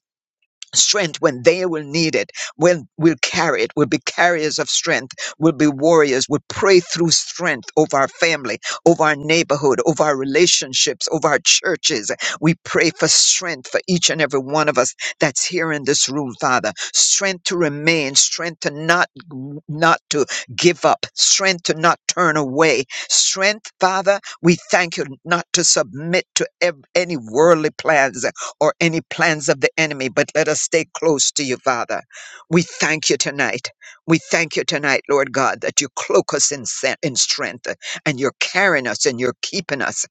strength when they will need it. When we'll carry it, we'll be carriers of strength. We'll be warriors. We'll pray through strength over our family, over our neighborhood, over our relationships, over our churches. We pray for strength for each and every one of us that's here in this room, Father. Strength to remain, strength to not, not to give up, strength to not turn away. Strength, Father, we thank you not to submit to ev- any worldly plans or any plans of the enemy, but let us stay close to you, Father. We thank you tonight. We thank you tonight, Lord God, that you cloak us in, sen- in strength uh, and you're carrying us and you're keeping us.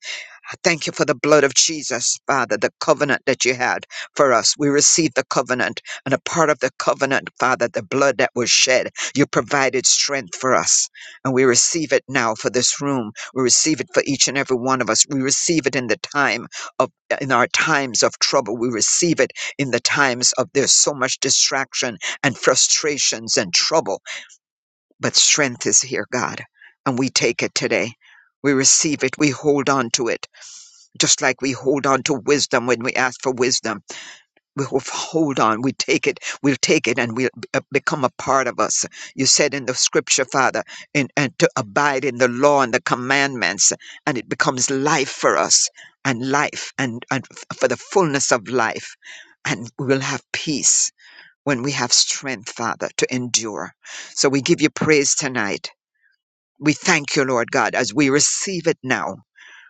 I thank you for the blood of Jesus, Father, the covenant that you had for us. We received the covenant, and a part of the covenant, Father, the blood that was shed, you provided strength for us. And we receive it now for this room. We receive it for each and every one of us. We receive it in the time of, in our times of trouble. We receive it in the times of there's so much distraction and frustrations and trouble. But strength is here, God, and we take it today. We receive it. We hold on to it just like we hold on to wisdom when we ask for wisdom we will hold on we take it we'll take it and we'll b- uh, become a part of us you said in the scripture father in, and to abide in the law and the commandments and it becomes life for us and life and, and f- for the fullness of life and we will have peace when we have strength father to endure so we give you praise tonight we thank you lord god as we receive it now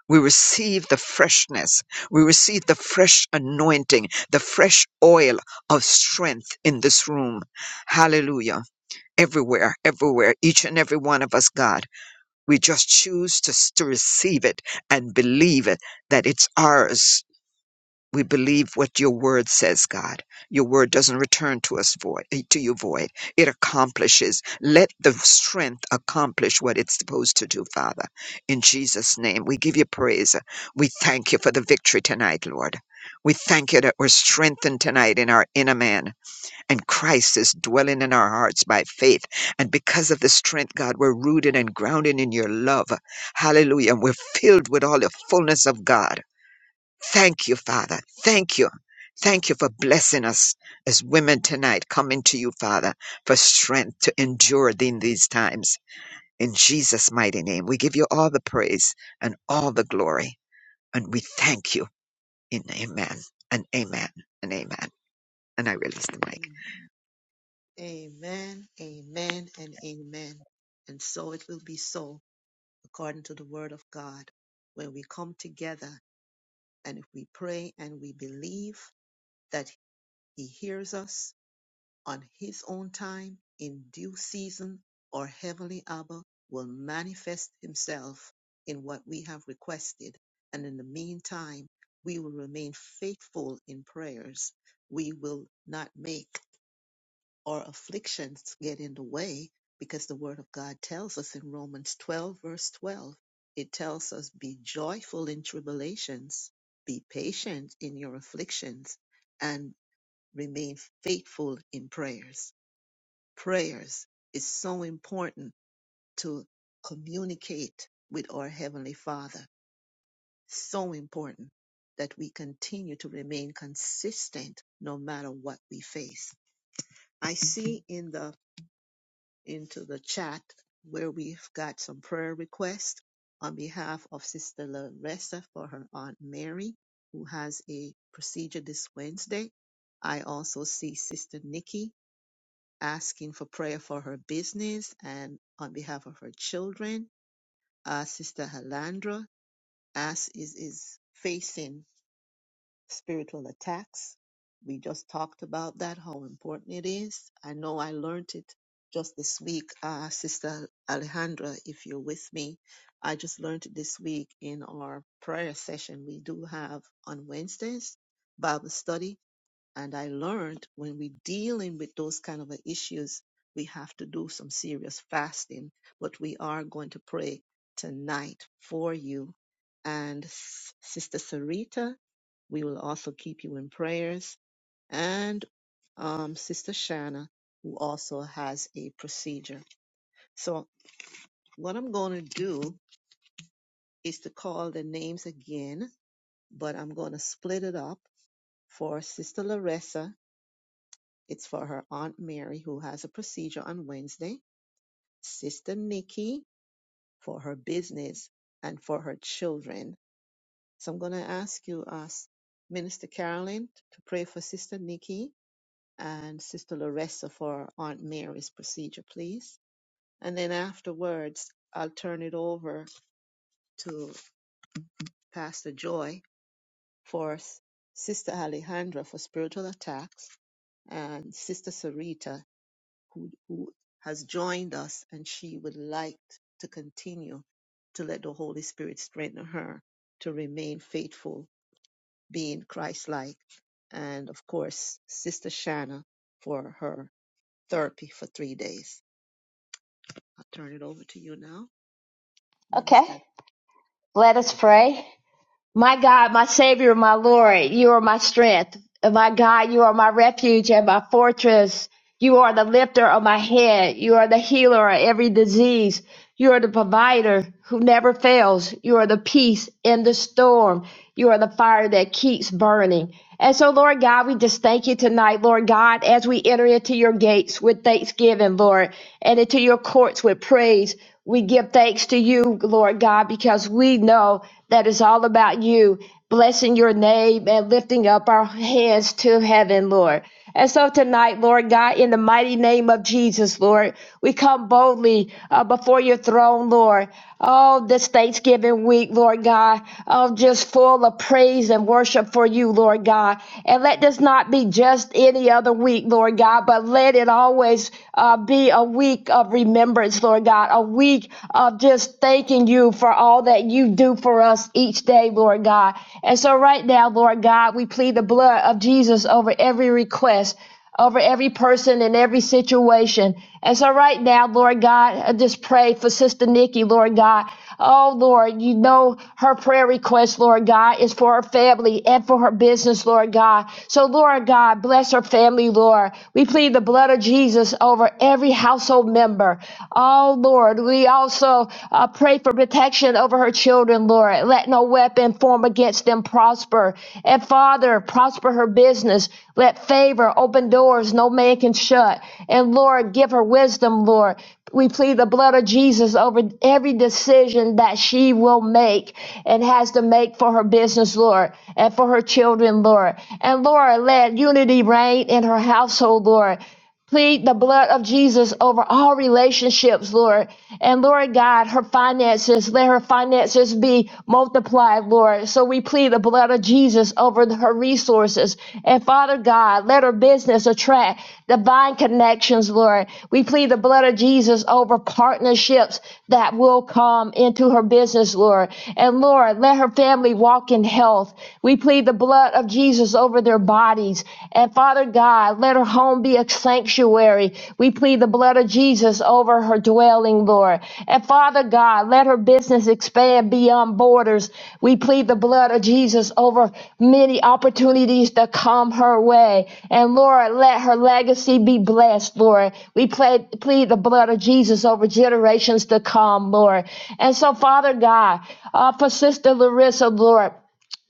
we receive the freshness. We receive the fresh anointing, the fresh oil of strength in this room. Hallelujah. Everywhere, everywhere, each and every one of us, God, we just choose to, s- to receive it and believe it that it's ours we believe what your word says, God. Your word doesn't return to us void, eh, to you void. It accomplishes. Let the strength accomplish what it's supposed to do, Father. In Jesus' name, we give you praise. We thank you for the victory tonight, Lord. We thank you that we're strengthened tonight in our inner man, and Christ is dwelling in our hearts by faith. And because of the strength, God, we're rooted and grounded in your love. Hallelujah. And we're filled with all the fullness of God. Thank you, Father. Thank you. Thank you for blessing us as women tonight, coming to you, Father, for strength to endure in these times. In Jesus' mighty name, we give you all the praise and all the glory, and we thank you in amen and amen and amen. And I release the mic.
Amen, amen, amen, and amen. And so it will be so according to the word of God, where we come together and if we pray and we believe that he hears us on his own time in due season, our heavenly Abba will manifest himself in what we have requested. And in the meantime, we will remain faithful in prayers. We will not make or afflictions get in the way because the word of God tells us in Romans 12 verse 12, it tells us be joyful in tribulations, be patient in your afflictions and remain faithful in prayers. Prayers is so important to communicate with our heavenly Father. So important that we continue to remain consistent no matter what we face. I see in the into the chat where we've got some prayer requests on behalf of Sister Larissa for her Aunt Mary, who has a procedure this Wednesday. I also see Sister Nikki asking for prayer for her business and on behalf of her children. Uh, Sister Halandra as is, is facing spiritual attacks. We just talked about that, how important it is. I know I learned it just this week, uh, Sister Alejandra, if you're with me. I just learned it this week in our prayer session we do have on Wednesdays, Bible study and I learned when we dealing with those kind of a issues, we have to do some serious fasting. But we are going to pray tonight for you. And S- Sister Sarita, we will also keep you in prayers. And um, Sister Shanna, who also has a procedure. So what I'm going to do is to call the names again, but I'm going to split it up for Sister Larissa It's for her Aunt Mary, who has a procedure on Wednesday, Sister Nikki for her business, and for her children. So I'm going to ask you, uh, Minister Carolyn, to pray for Sister Nikki and Sister Larissa for Aunt Mary's procedure, please. And then afterwards, I'll turn it over to Pastor Joy for Sister Alejandra for spiritual attacks and Sister Sarita who has joined us and she would like to continue to let the Holy Spirit strengthen her to remain faithful, being Christ like. And of course, Sister Shanna for her therapy for three days. I'll turn it over to you now,
Okay,
Minister.
let us pray. My God, my Savior, my Lord, you are my strength. My God, you are my refuge and my fortress. You are the lifter of my head. You are the healer of every disease. You are the provider who never fails. You are the peace in the storm. You are the fire that keeps burning. And so, Lord God, we just thank you tonight, Lord God, as we enter into your gates with thanksgiving, Lord, and into your courts with praise. We give thanks to you, Lord God, because we know that it's all about you blessing your name and lifting up our hands to heaven, Lord. And so tonight, Lord God, in the mighty name of Jesus, Lord, we come boldly uh, before your throne, Lord. Oh, this Thanksgiving week, Lord God, oh, just full of praise and worship for you, Lord God. And let this not be just any other week, Lord God, but let it always uh, be a week of remembrance, Lord God, a week of just thanking you for for all that you do for us each day, Lord God. And so, right now, Lord God, we plead the blood of Jesus over every request, over every person and every situation. And so, right now, Lord God, I just pray for Sister Nikki, Lord God. Oh, Lord, you know her prayer request, Lord God, is for her family and for her business, Lord God. So, Lord God, bless her family, Lord. We plead the blood of Jesus over every household member. Oh, Lord, we also uh, pray for protection over her children, Lord. Let no weapon form against them prosper. And Father, prosper her business. Let favor open doors no man can shut. And Lord, give her wisdom, Lord. We plead the blood of Jesus over every decision that she will make and has to make for her business, Lord, and for her children, Lord. And Lord, let unity reign in her household, Lord. Plead the blood of Jesus over all relationships, Lord. And Lord God, her finances, let her finances be multiplied, Lord. So we plead the blood of Jesus over her resources. And Father God, let her business attract divine connections, Lord. We plead the blood of Jesus over partnerships that will come into her business, Lord. And Lord, let her family walk in health. We plead the blood of Jesus over their bodies bodies. And Father God, let her home be a sanctuary. We plead the blood of Jesus over her dwelling, Lord. And Father God, let her business expand beyond borders. We plead the blood of Jesus over many opportunities to come her way. And Lord, let her legacy be blessed, Lord. We plead, plead the blood of Jesus over generations to come, Lord. And so, Father God, uh, for Sister Larissa, Lord,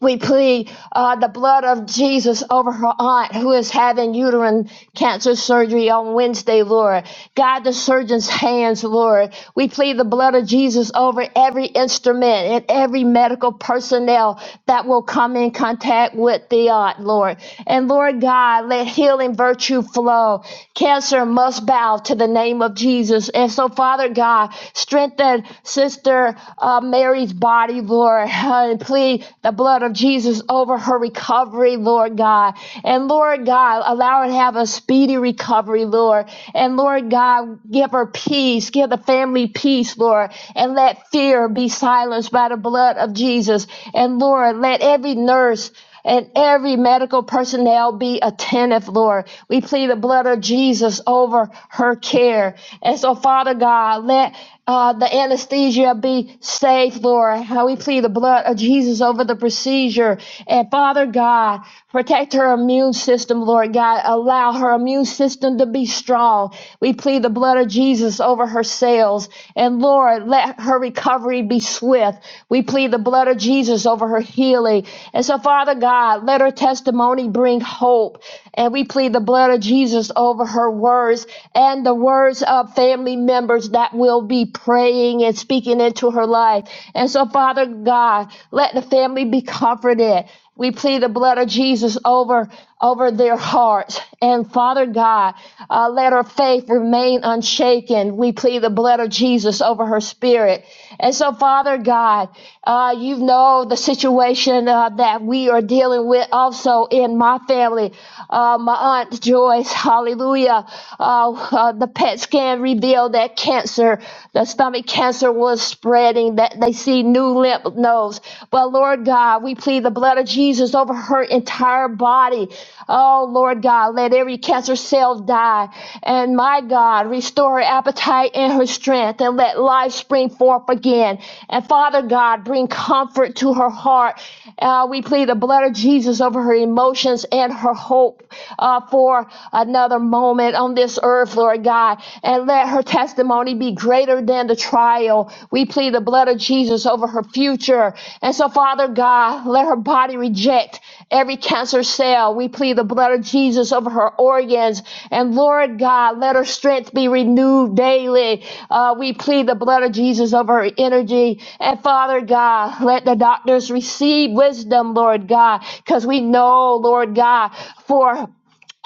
we plead uh, the blood of Jesus over her aunt who is having uterine cancer surgery on Wednesday, Lord. Guide the surgeon's hands, Lord. We plead the blood of Jesus over every instrument and every medical personnel that will come in contact with the aunt, Lord. And Lord God, let healing virtue flow. Cancer must bow to the name of Jesus. And so, Father God, strengthen Sister uh, Mary's body, Lord. Lord, and plead the blood of Jesus over her recovery, Lord God. And Lord God, allow her to have a speedy recovery, Lord. And Lord God, give her peace, give the family peace, Lord. And let fear be silenced by the blood of Jesus. And Lord, let every nurse and every medical personnel be attentive, Lord. We plead the blood of Jesus over her care. And so, Father God, let uh, the anesthesia be safe, Lord. How we plead the blood of Jesus over the procedure. And Father God, protect her immune system, Lord God. Allow her immune system to be strong. We plead the blood of Jesus over her cells. And Lord, let her recovery be swift. We plead the blood of Jesus over her healing. And so, Father God, let her testimony bring hope. And we plead the blood of Jesus over her words and the words of family members that will be praying and speaking into her life. And so, Father God, let the family be comforted. We plead the blood of Jesus over over their hearts. And Father God, uh, let her faith remain unshaken. We plead the blood of Jesus over her spirit. And so, Father God, uh, you know the situation uh, that we are dealing with also in my family. Uh, my aunt Joyce, hallelujah. Uh, uh, the PET scan revealed that cancer, the stomach cancer was spreading, that they see new lymph nodes. But Lord God, we plead the blood of Jesus over her entire body. Oh, Lord. Lord God, let every cancer cell die. And my God, restore her appetite and her strength and let life spring forth again. And Father God, bring comfort to her heart. Uh, we plead the blood of Jesus over her emotions and her hope uh, for another moment on this earth, Lord God. And let her testimony be greater than the trial. We plead plead the blood of Jesus over her future. And so, Father God, let her body reject every cancer cell. We plead the blood of Jesus over her organs. And Lord God, let her strength be renewed daily. Uh, we plead the blood of Jesus over her energy. And Father God, let the doctors receive wisdom, Lord God, because we know, Lord God, for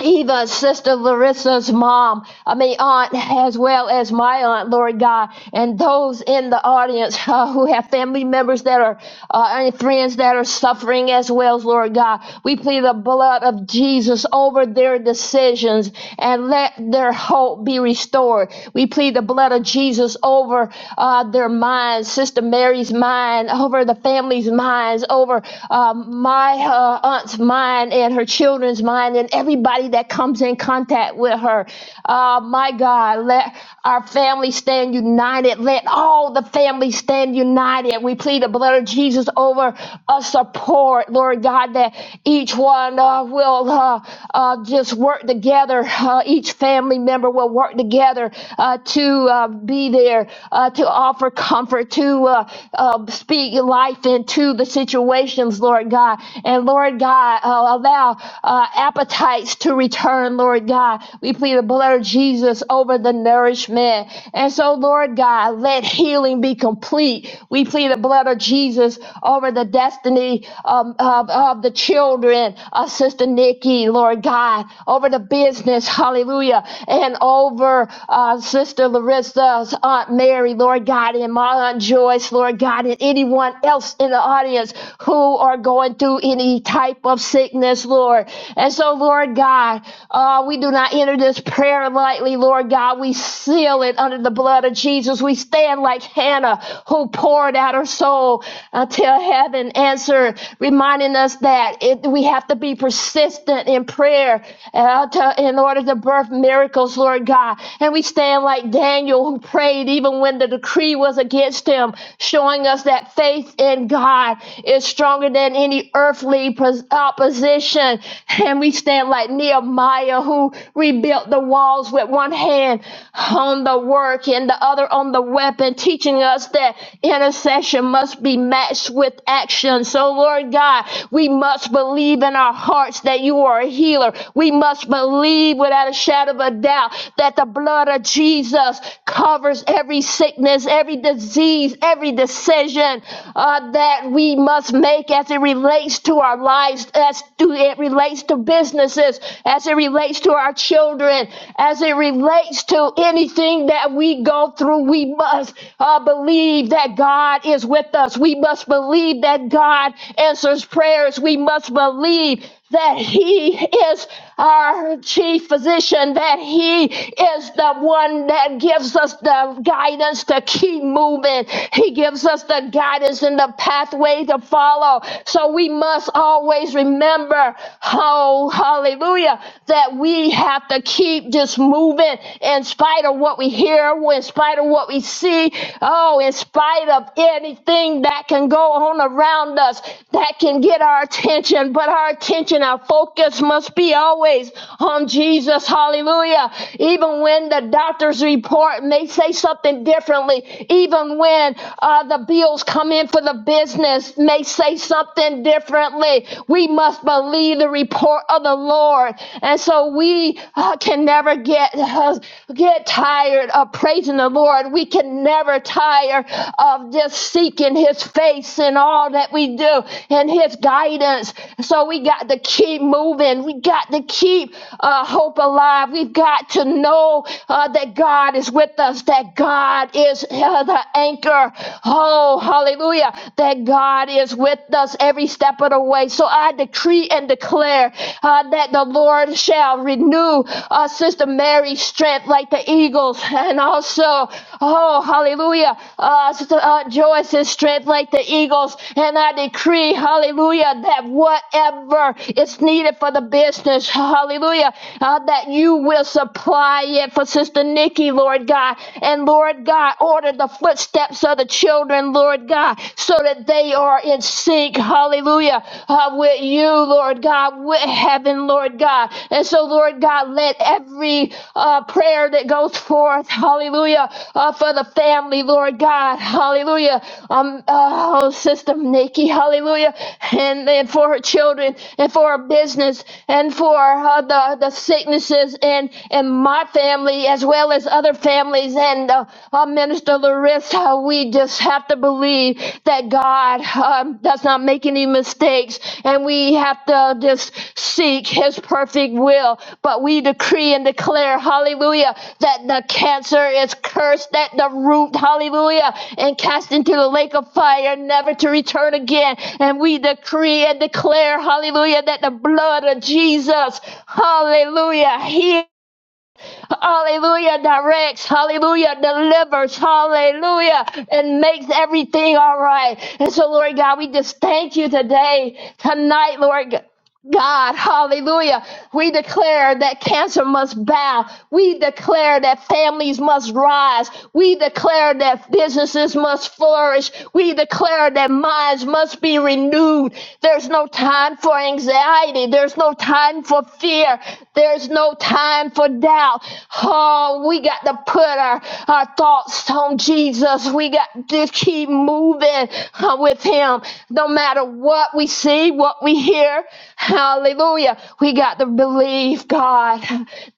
Eva, Sister Larissa's mom, I mean, aunt, as well as my aunt, Lord God, and those in the audience uh, who have family members that are, uh, and friends that are suffering as well, Lord God. We plead the blood of Jesus over their decisions and let their hope be restored. We plead the blood of Jesus over uh, their minds, Sister Mary's mind, over the family's minds, over um, my uh, aunt's mind and her children children's mind and everybody that comes in contact with her. Uh, my God, let our family stand united. Let all the families stand united. We plead the blood of Jesus over us support, Lord God, that each one uh, will uh, uh, just work together. Uh, each family member will work together uh, to uh, be there, uh, to offer comfort, to uh, uh, speak life into the situations, Lord God. And Lord God, God, uh, allow uh, appetites to return, Lord God. We plead the blood of Jesus over the nourishment. And so, Lord God, let healing be complete. We plead the blood of Jesus over the destiny um, of, of the children of Sister Nikki, Lord God, over the business, hallelujah, and over uh, Sister Larissa's Aunt Mary, Lord God, and my Aunt Joyce, Lord God, and anyone else in the audience who are going through through any type of sickness, Lord. And so, Lord God, uh, we do not enter this prayer lightly, Lord God. We seal it under the blood of Jesus. We stand like Hannah, who poured out her soul until heaven answered, reminding us that it, we have to be persistent in prayer uh, to, in order to birth miracles, Lord God. And we stand like Daniel, who prayed even when the decree was against him, showing us that faith in God is is stronger than any earthly opposition. And we stand like Nehemiah, who rebuilt the walls with one hand on the work and the other on the weapon, teaching us that intercession must be matched with action. So, Lord God, we must believe in our hearts that you are a healer. We must believe without a shadow of a doubt that the blood of Jesus covers every sickness, every disease, every decision. Uh, uh, that we must make as it relates to our lives, as to it relates to businesses, as it relates to our children, as it relates to anything that we go through. We must uh, believe that God is with us. We must believe that God answers prayers. We must believe that He is our chief physician, that He is the one that gives us the guidance to keep moving. He gives us the guidance and the pathway to follow. So we must always remember, oh, hallelujah, that we have to keep just moving in spite of what we hear, in spite of what we see, oh, in spite of anything that can go on around us that can get our attention, but our attention, our focus must be always on Jesus. Hallelujah. Even when the doctor's report may say something differently, even when uh, the bills come in for the business may say something differently, we must believe the report of the Lord. And so we uh, can never get, uh, get tired of of praising the Lord. We can never tire of just seeking His face in all that we do and His guidance. So we got to keep moving. We got to keep uh, hope alive. We've got to know uh, that God is with us, that God is uh, the anchor. Oh, hallelujah. That God is with us every step of the way. So I decree and declare uh, that the Lord. Lord shall renew uh, Sister Mary's strength like the eagles, and also, oh, hallelujah, uh, Sister uh, Joyce's strength like the eagles. And I decree, hallelujah, that whatever is needed for the business, hallelujah, uh, that you will supply it for Sister Nikki, Lord God. And Lord God, order the footsteps of the children, Lord God, so that they are in sync speak, hallelujah, uh, with you, Lord God, with heaven, Lord God. And so, Lord God, let every uh, prayer that goes forth, hallelujah, uh, for the family, Lord God, hallelujah, um, uh, oh, Sister Nikki, hallelujah, and, and for her children, and for her business, and for uh, the, the sicknesses in, in my family, as well as other families, and uh, uh, Minister. Sister Larissa, we just have to believe that God um, does not make any mistakes, and we have to just seek His perfect will. But we decree and declare, hallelujah, that the cancer is cursed at the root, hallelujah, and cast into the lake of fire, never to return again. And we decree and declare, hallelujah, that the blood of Jesus, hallelujah, heals. Hallelujah directs, hallelujah delivers, hallelujah, and makes everything all right. And so, Lord God, we just thank you today, tonight, Lord. God, hallelujah. We declare that cancer must bow. We declare that families must rise. We declare that businesses must flourish. We declare that minds must be renewed. There's no time for anxiety. There's no time for fear. There's no time for doubt. Oh, we got to put our, our thoughts on Jesus. We got to keep moving uh, with Him no matter what we see believe what we hear. Hallelujah. We got to believe God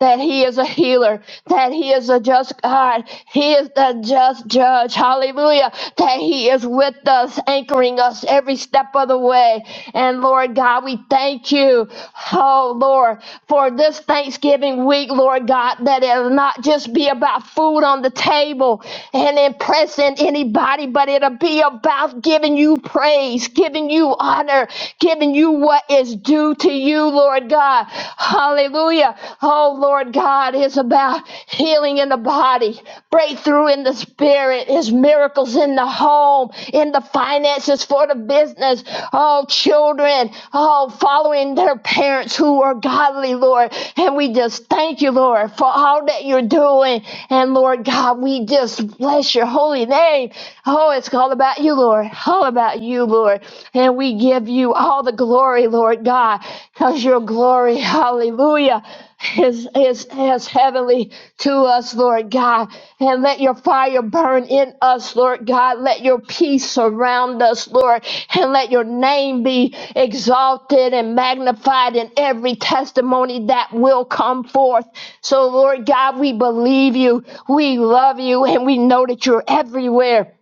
that He is a healer, that He is a just God, He is the just judge. Hallelujah. That He is with us, anchoring us every step of the way. And Lord God, we thank you, oh Lord, for this Thanksgiving week, Lord God, that it'll not just be about food on the table and impressing anybody, but it'll be about giving you praise giving you honor, giving you what is due to you, Lord God. Hallelujah. Oh, Lord God, it's about healing in the body, breakthrough in the spirit, is miracles in the home, in the finances for the business. Oh, children, oh, following their parents who are godly, Lord. And we just thank you, Lord, for all that you're doing. And Lord God, we just bless your holy name. Oh, it's all about you, Lord. Lord, all about you, Lord. And we give you all the glory, Lord God, because your glory, hallelujah, is, is, is heavenly to us, Lord God. And let your fire burn in us, Lord God. Let your peace surround us, Lord. And let your name be exalted and magnified in every testimony that will come forth. So, Lord God, we believe you, we love you, and we know that you're everywhere.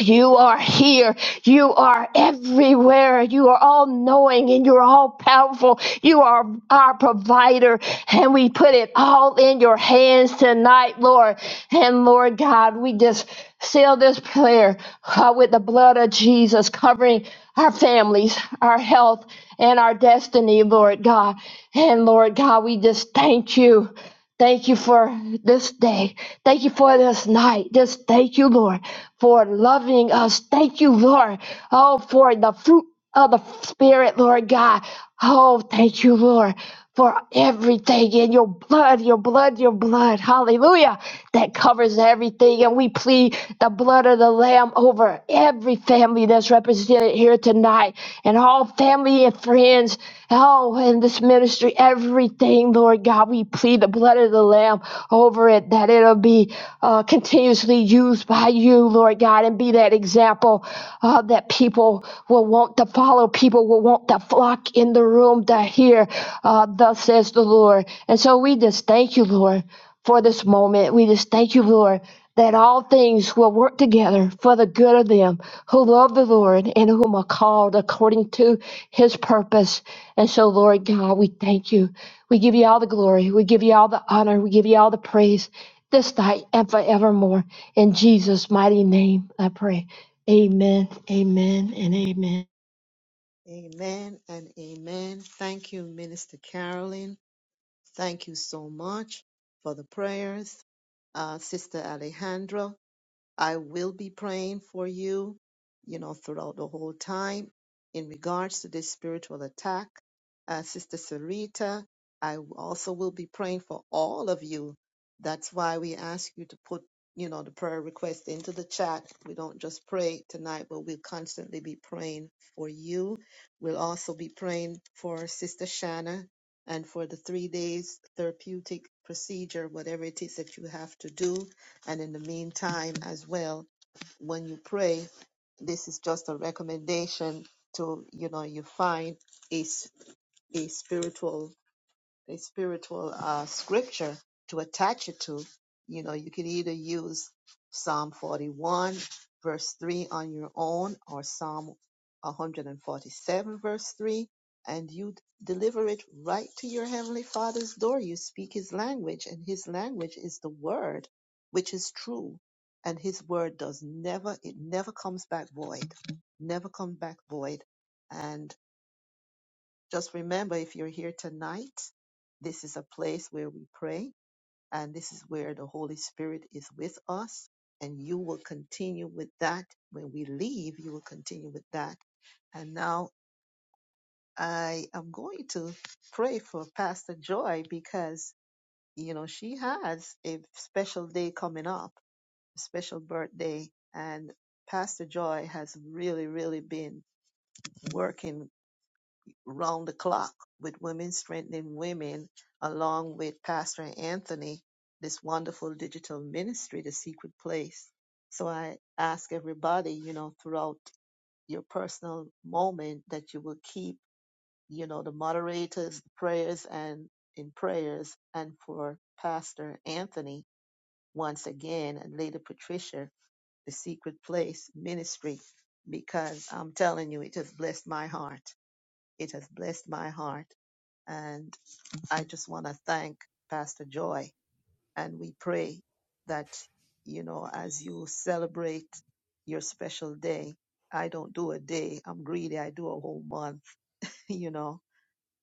You are here. You are everywhere. You are all knowing and you're all powerful. You are our provider. And we put it all in your hands tonight, Lord. And Lord God, we just seal this prayer uh, with the blood of Jesus covering our families, our health, and our destiny, Lord God. And Lord God, we just thank you. Thank you for this day. Thank you for this night. Just thank you, Lord, for loving us. Thank you, Lord, oh, for the fruit of the Spirit, Lord God. Oh, thank you, Lord, for everything in your blood, your blood, your blood. Hallelujah. That covers everything. And we plead the blood of the Lamb over every family that's represented here tonight and all family and friends sins, oh, in this ministry, everything, Lord God, we plead the blood of the Lamb over it, that it'll be uh, continuously used by you, Lord God, and be that example uh, that people will want to follow, people will want to flock in the room to hear, uh, thus says the Lord. And so we just thank you, Lord, for this moment. We just thank you, Lord. That all things will work together for the good of them who love the Lord and whom are called according to his purpose. And so, Lord God, we thank you. We give you all the glory. We give you all the honor. We give you all the praise this night and forevermore. In Jesus' mighty name, I pray. Amen, amen, and amen.
Amen and amen. Thank you, Minister Carolyn. Thank you so much for the prayers. Uh, Sister Alejandra, I will be praying for you, you know, throughout the whole time in regards to this spiritual attack. Uh, Sister Sarita, I also will be praying for all of you. That's why we ask you to put, you know, the prayer request into the chat. We don't just pray tonight, but we'll constantly be praying for you. We'll also be praying for Sister Shanna and for the three days therapeutic procedure, whatever it is that you have to do and in the meantime, as well, when you pray, this is just a recommendation to you know you find a, s- a spiritual a spiritual uh, scripture to attach it to, you know, you can either use Psalm 41, verse 3 on your own, or Psalm 147, verse 3, and you deliver it right to your Heavenly Father's door. You speak His language, and His language is the Word, which is true. And His Word does never, it never comes back void, never comes back void. and just remember, if you're here tonight, this is a place where we pray, and this is where the Holy Spirit is with us. And you will continue with that. When we leave, you will continue with that. And now I am going to pray for Pastor Joy because, you know, she has a special day coming up, a special birthday. And Pastor Joy has really, really been working round the clock with Women Strengthening Women, along with Pastor Anthony, this wonderful digital ministry, The Secret Place. So I ask everybody, you know, throughout your personal moment that you will keep, you know, the moderators, the prayers, and in prayers, and for Pastor Anthony once again, and Lady Patricia, The Secret Place Ministry, because I'm telling you, it has blessed my heart. It has blessed my heart and I just want to thank Pastor Joy. And we pray that, you know, as you celebrate your special day, I don't do a day, I'm greedy, I do a whole month, you know,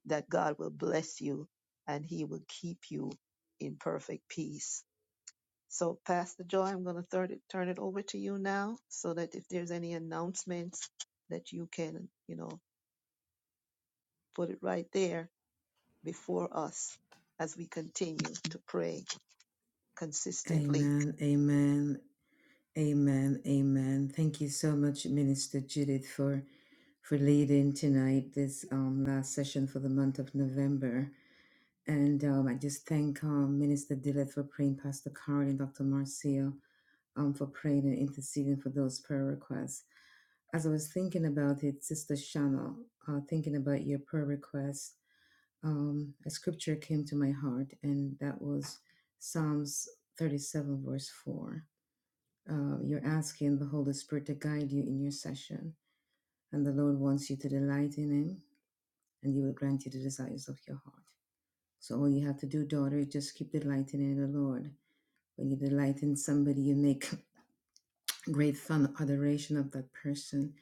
that God will bless you and he will keep you in perfect peace. So, Pastor Joy, I'm going to turn it, turn it over to you now so that if there's any announcements that you can, you know, put it right there before us as we continue to pray consistently
Amen, amen, amen, amen. Thank you so much, Minister Judith, for for leading tonight this um, last session for the month of November. And um, I just thank um, Minister Dilleth for praying, Pastor Carl and Dr. Marcia, um, for praying and interceding for those prayer requests. As I was thinking about it, Sister Shana, uh, thinking about your prayer request, um, a scripture came to my heart, and that was Psalms 37, verse 4. Uh, you're asking the Holy Spirit to guide you in your session, and the Lord wants you to delight in Him, and He will grant you the desires of your heart. So all you have to do, daughter, is just keep delighting in the Lord When you delight in somebody, you make great fun, adoration of that person.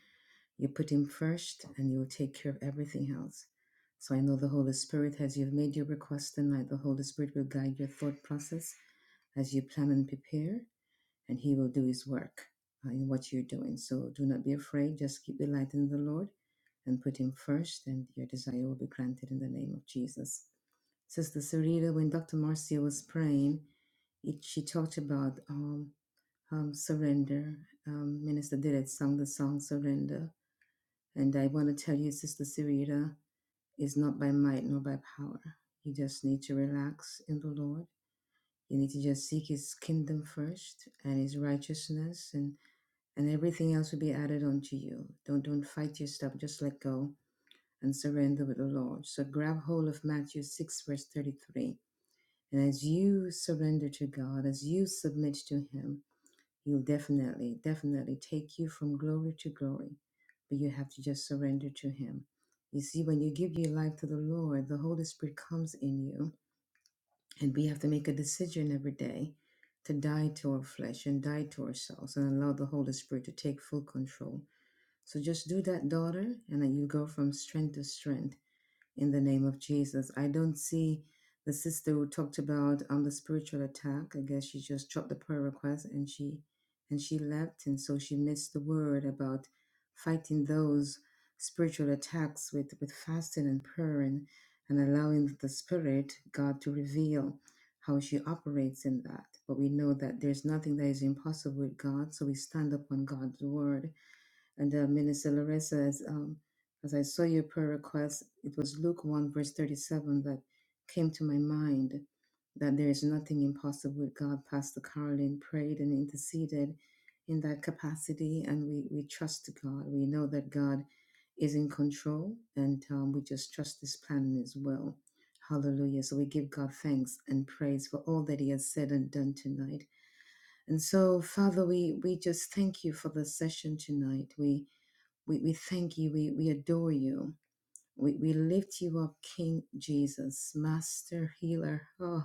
You put him first and you will take care of everything else. So I know the Holy Spirit, as you've made your request tonight, the Holy Spirit will guide your thought process as you plan and prepare, and He will do His work uh, in what you're doing. So do not be afraid. Just keep delighting the Lord and put Him first, and your desire will be granted in the name of Jesus. Sister Sarita, when Dr. Marcia was praying, it, she talked about um, um, Surrender. Um, Minister did it, sung the song Surrender. And I want to tell you, Sister Sarita, it's not by might nor by power. You just need to relax in the Lord. You need to just seek His kingdom first and His righteousness, and, and everything else will be added onto you. Don't don't fight your stuff. Just let go and surrender with the Lord. So grab hold of Matthew six verse thirty three, and as you surrender to God, as you submit to Him, He'll definitely, definitely take you from glory to glory, but you have to just surrender to Him. You see, when you give your life to the Lord, the Holy Spirit comes in you, and we have to make a decision every day to die to our flesh and die to ourselves and allow the Holy Spirit to take full control. So just do that, daughter, and then you go from strength to strength in the name of Jesus. I don't see the sister who talked about um the spiritual attack. I guess she just dropped the prayer request and she and she left, and so she missed the word about fighting those spiritual attacks with with fasting and prayer and and allowing the spirit God to reveal how she operates in that. But we know that there's nothing that is impossible with God, so we stand upon God's word and uh, Minister Larissa, as, um, as I saw your prayer request, it was Luke 1, verse 37 that came to my mind that there is nothing impossible with God. Pastor Carolyn prayed and interceded in that capacity, and we, we trust God. We know that God is in control, and um, we just trust His plan and His will. Hallelujah. So we give God thanks and praise for all that He has said and done tonight. And so, Father, we, we just thank you for this session tonight. We we, we thank you. We, we adore you. We, we lift you up, King Jesus, Master, Healer. Oh,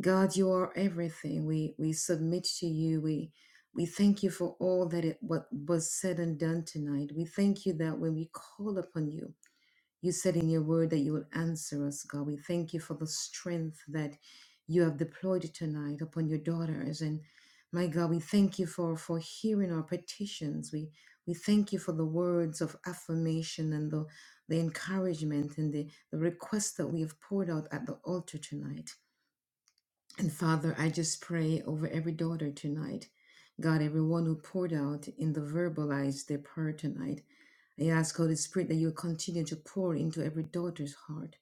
God, you are everything. We, we submit to you. We, we thank you for all that it, what was said and done tonight. We thank you that when we call upon you, you said in your word that you will answer us, God. We thank you for the strength that you have deployed tonight upon your daughters. And my God, we thank you for, for hearing our petitions. We we thank you for the words of affirmation and the, the encouragement and the, the request that we have poured out at the altar tonight. And Father, I just pray over every daughter tonight. God, everyone who poured out in the verbalized their prayer tonight. I ask, Holy Spirit, that you continue to pour into every daughter's heart.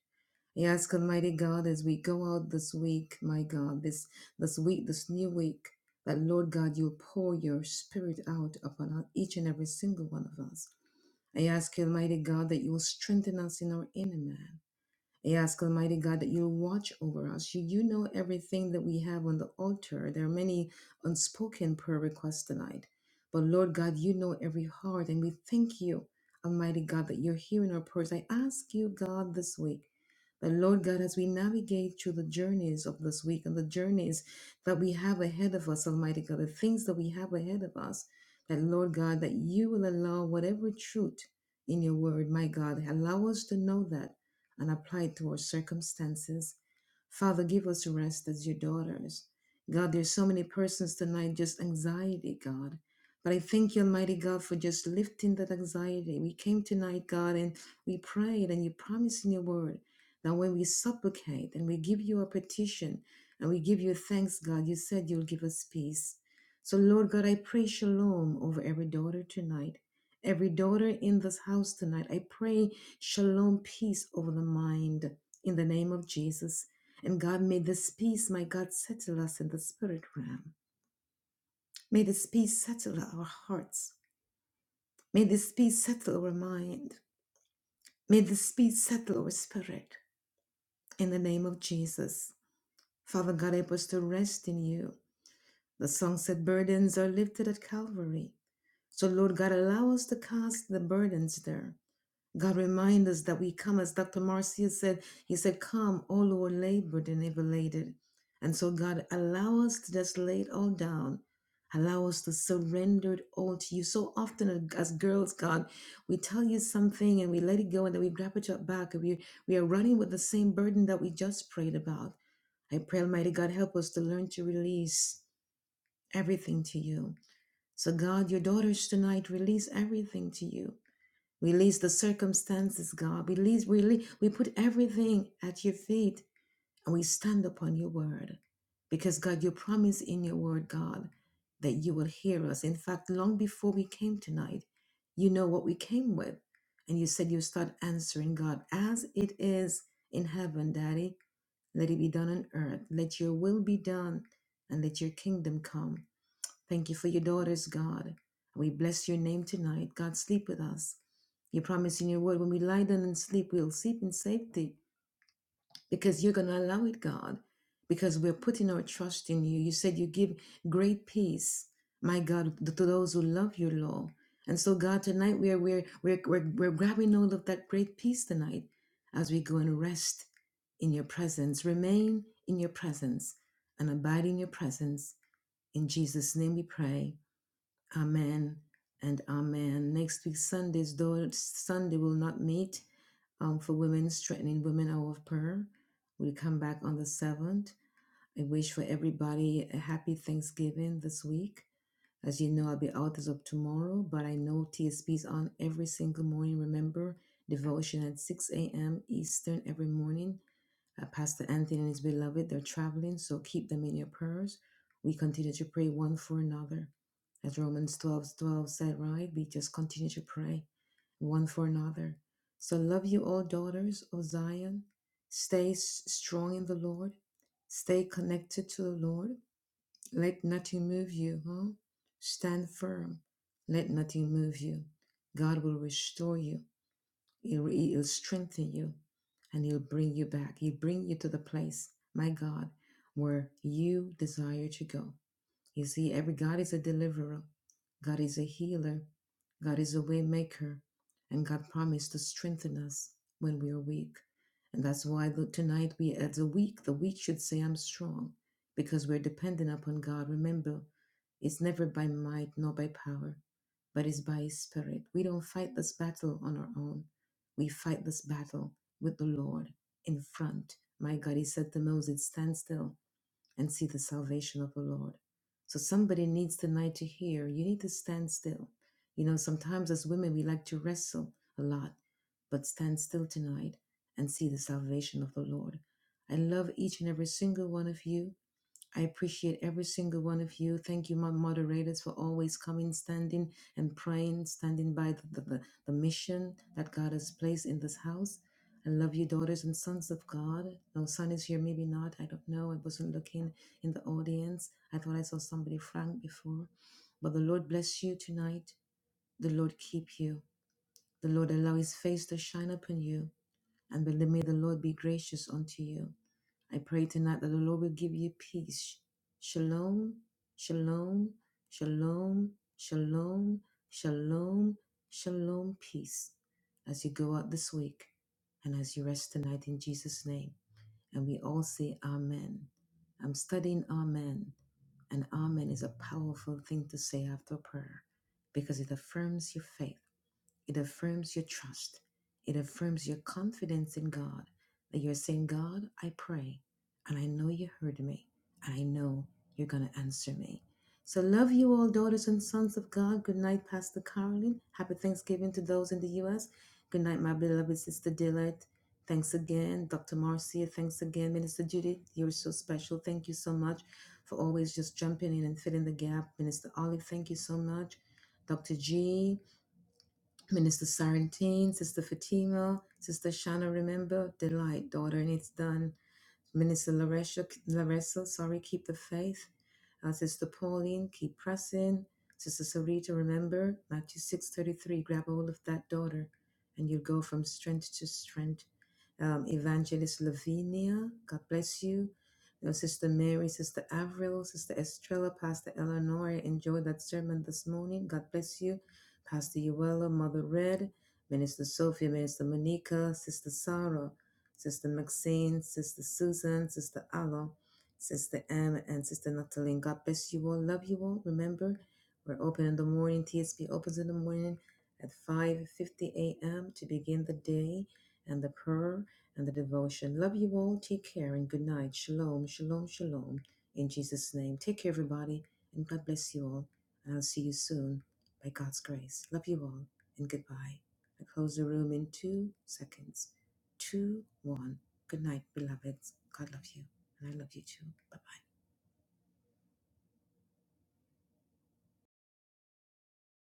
I ask, Almighty God, as we go out this week, my God, this, this week, this new week, that Lord God, you pour your spirit out upon each and every single one of us. I ask, Almighty God, that you will strengthen us in our inner man. I ask Almighty God that you'll watch over us. You, you know everything that we have on the altar. There are many unspoken prayer requests tonight. But Lord God, you know every heart, and we thank you, Almighty God, that you're hearing our prayers. I ask you, God, this week and Lord God, as we navigate through the journeys of this week and the journeys that we have ahead of us, Almighty God, the things that we have ahead of us, that Lord God, that you will allow whatever truth in your word, my God, allow us to know that and apply it to our circumstances. Father, give us rest as your daughters. God, there's so many persons tonight, just anxiety, God. But I thank you, Almighty God, for just lifting that anxiety. We came tonight, God, and we prayed, and you promised in your word now, when we supplicate and we give you a petition and we give you thanks, God, you said you'll give us peace. So, Lord God, I pray shalom over every daughter tonight, every daughter in this house tonight. I pray shalom, peace over the mind in the name of Jesus. And God, may this peace, my God, settle us in the spirit realm. May this peace settle our hearts. May this peace settle our mind. May this peace settle our spirit in the name of Jesus. Father God, help us to rest in you. The song said, Burdens are lifted at Calvary. So, Lord God, allow us to cast the burdens there. God, remind us that we come, as Dr. Marcia said, He said, Come, all who are labored and heavy laden. And so, God, allow us to just lay it all down. Allow us to surrender it all to you. So often, as girls, God, we tell you something and we let it go and then we grab it up back. And we, we are running with the same burden that we just prayed about. I pray, Almighty God, help us to learn to release everything to you. So, God, your daughters tonight release everything to you. Release the circumstances, God. Release, release. We put everything at your feet and we stand upon your word because, God, you promise in your word, God, that you will hear us. In fact, long before we came tonight, you know what we came with. And you said you start answering, God, as it is in heaven, Daddy, let it be done on earth. Let your will be done and let your kingdom come. Thank you for your daughters, God. We bless your name tonight. God, sleep with us. You promise in your word when we lie down and sleep, we'll sleep in safety because you're going to allow it, God, because we're putting our trust in you. You said you give great peace, my God, to those who love your law. And so, God, tonight we're, we're, we're, we're, we're grabbing hold of that great peace tonight as we go and rest in your presence, remain in your presence, and abide in your presence. In Jesus' name we pray. Amen and amen. Next week, Sundays, though Sunday will not meet um, for women, strengthening women hour of prayer. We will come back on the 7th. I wish for everybody a happy Thanksgiving this week. As you know, I'll be out as of tomorrow, but I know TSP is on every single morning. Remember, devotion at 6 a.m. Eastern every morning. Uh, Pastor Anthony and his beloved, they're traveling, so keep them in your prayers. We continue to pray one for another. As Romans 12:12 said, right? We just continue to pray one for another. So love you all, daughters of Zion. Stay s- strong in the Lord. Stay connected to the Lord. Let nothing move you, huh? Stand firm. Let nothing move you. God will restore you. He'll, he'll strengthen you and He'll bring you back. He'll bring you to the place, my God, where you desire to go. You see, every God is a deliverer, God is a healer, God is a way maker, and God promised to strengthen us when we are weak. And that's why the, tonight we, as a weak, the weak should say, I'm strong, because we're dependent upon God. Remember, it's never by might nor by power, but it's by His Spirit. We don't fight this battle on our own. We fight this battle with the Lord in front. My God, He said to Moses, Stand still and see the salvation of the Lord. So somebody needs tonight to hear. You need to stand still. You know, sometimes as women, we like to wrestle a lot, but stand still tonight and see the salvation of the Lord. I love each and every single one of you. I appreciate every single one of you. Thank you, my moderators, for always coming, standing, and praying, standing by the, the, the, the mission that God has placed in this house. I love you, daughters and sons of God. No son is here, maybe not. I don't know. I wasn't looking in the audience. I thought I saw somebody, Frank, before. But the Lord bless you tonight. The Lord keep you. The Lord allow his face to shine upon you and bel- may the Lord be gracious unto you. I pray tonight that the Lord will give you peace. Shalom, shalom, shalom, shalom, shalom, shalom, peace as you go out this week and as you rest tonight in Jesus' name. And we all say Amen. I'm studying Amen, and Amen is a powerful thing to say after prayer because it affirms your faith it affirms your trust. It affirms your confidence in God that you're saying, God, I pray, and I know you heard me, and I know you're going to answer me. So, love you all, daughters and sons of God. Good night, Pastor Carolyn. Happy Thanksgiving to those in the U.S. Good night, my beloved sister Delight. Thanks again, Dr. Marcia. Thanks again, Minister Judy. You're so special. Thank you so much for always just jumping in and filling the gap. Minister Olive, thank you so much. Dr. G, Minister Sarantine, Sister Fatima, Sister Shanna, remember, delight, daughter, and it's done. Minister Laresha, Larissa, sorry, keep the faith. Uh, Sister Pauline, keep pressing. Sister Sarita, remember Matthew 6.33, grab hold of that daughter and you'll go from strength to strength. Um, Evangelist Lavinia, God bless you. You know, Sister Mary, Sister Avril, Sister Estrella, Pastor Eleanor, enjoy that sermon this morning. God bless you. Pastor Uella, Mother Red, Minister Sophia, Minister Monica, Sister Sarah. Sister Maxine, Sister Susan, Sister Allo, Sister M, and Sister Nataline. God bless you all. Love you all. Remember, we're open in the morning. TSP opens in the morning at 5.50 a.m. to begin the day and the prayer and the devotion. Love you all. Take care and good night. Shalom, shalom, shalom. In Jesus' name. Take care, everybody, and God bless you all. And I'll see you soon by God's grace. Love you all and goodbye. I close the room in two seconds two, one. Good night, beloveds. God love you. And I love you too. Bye bye.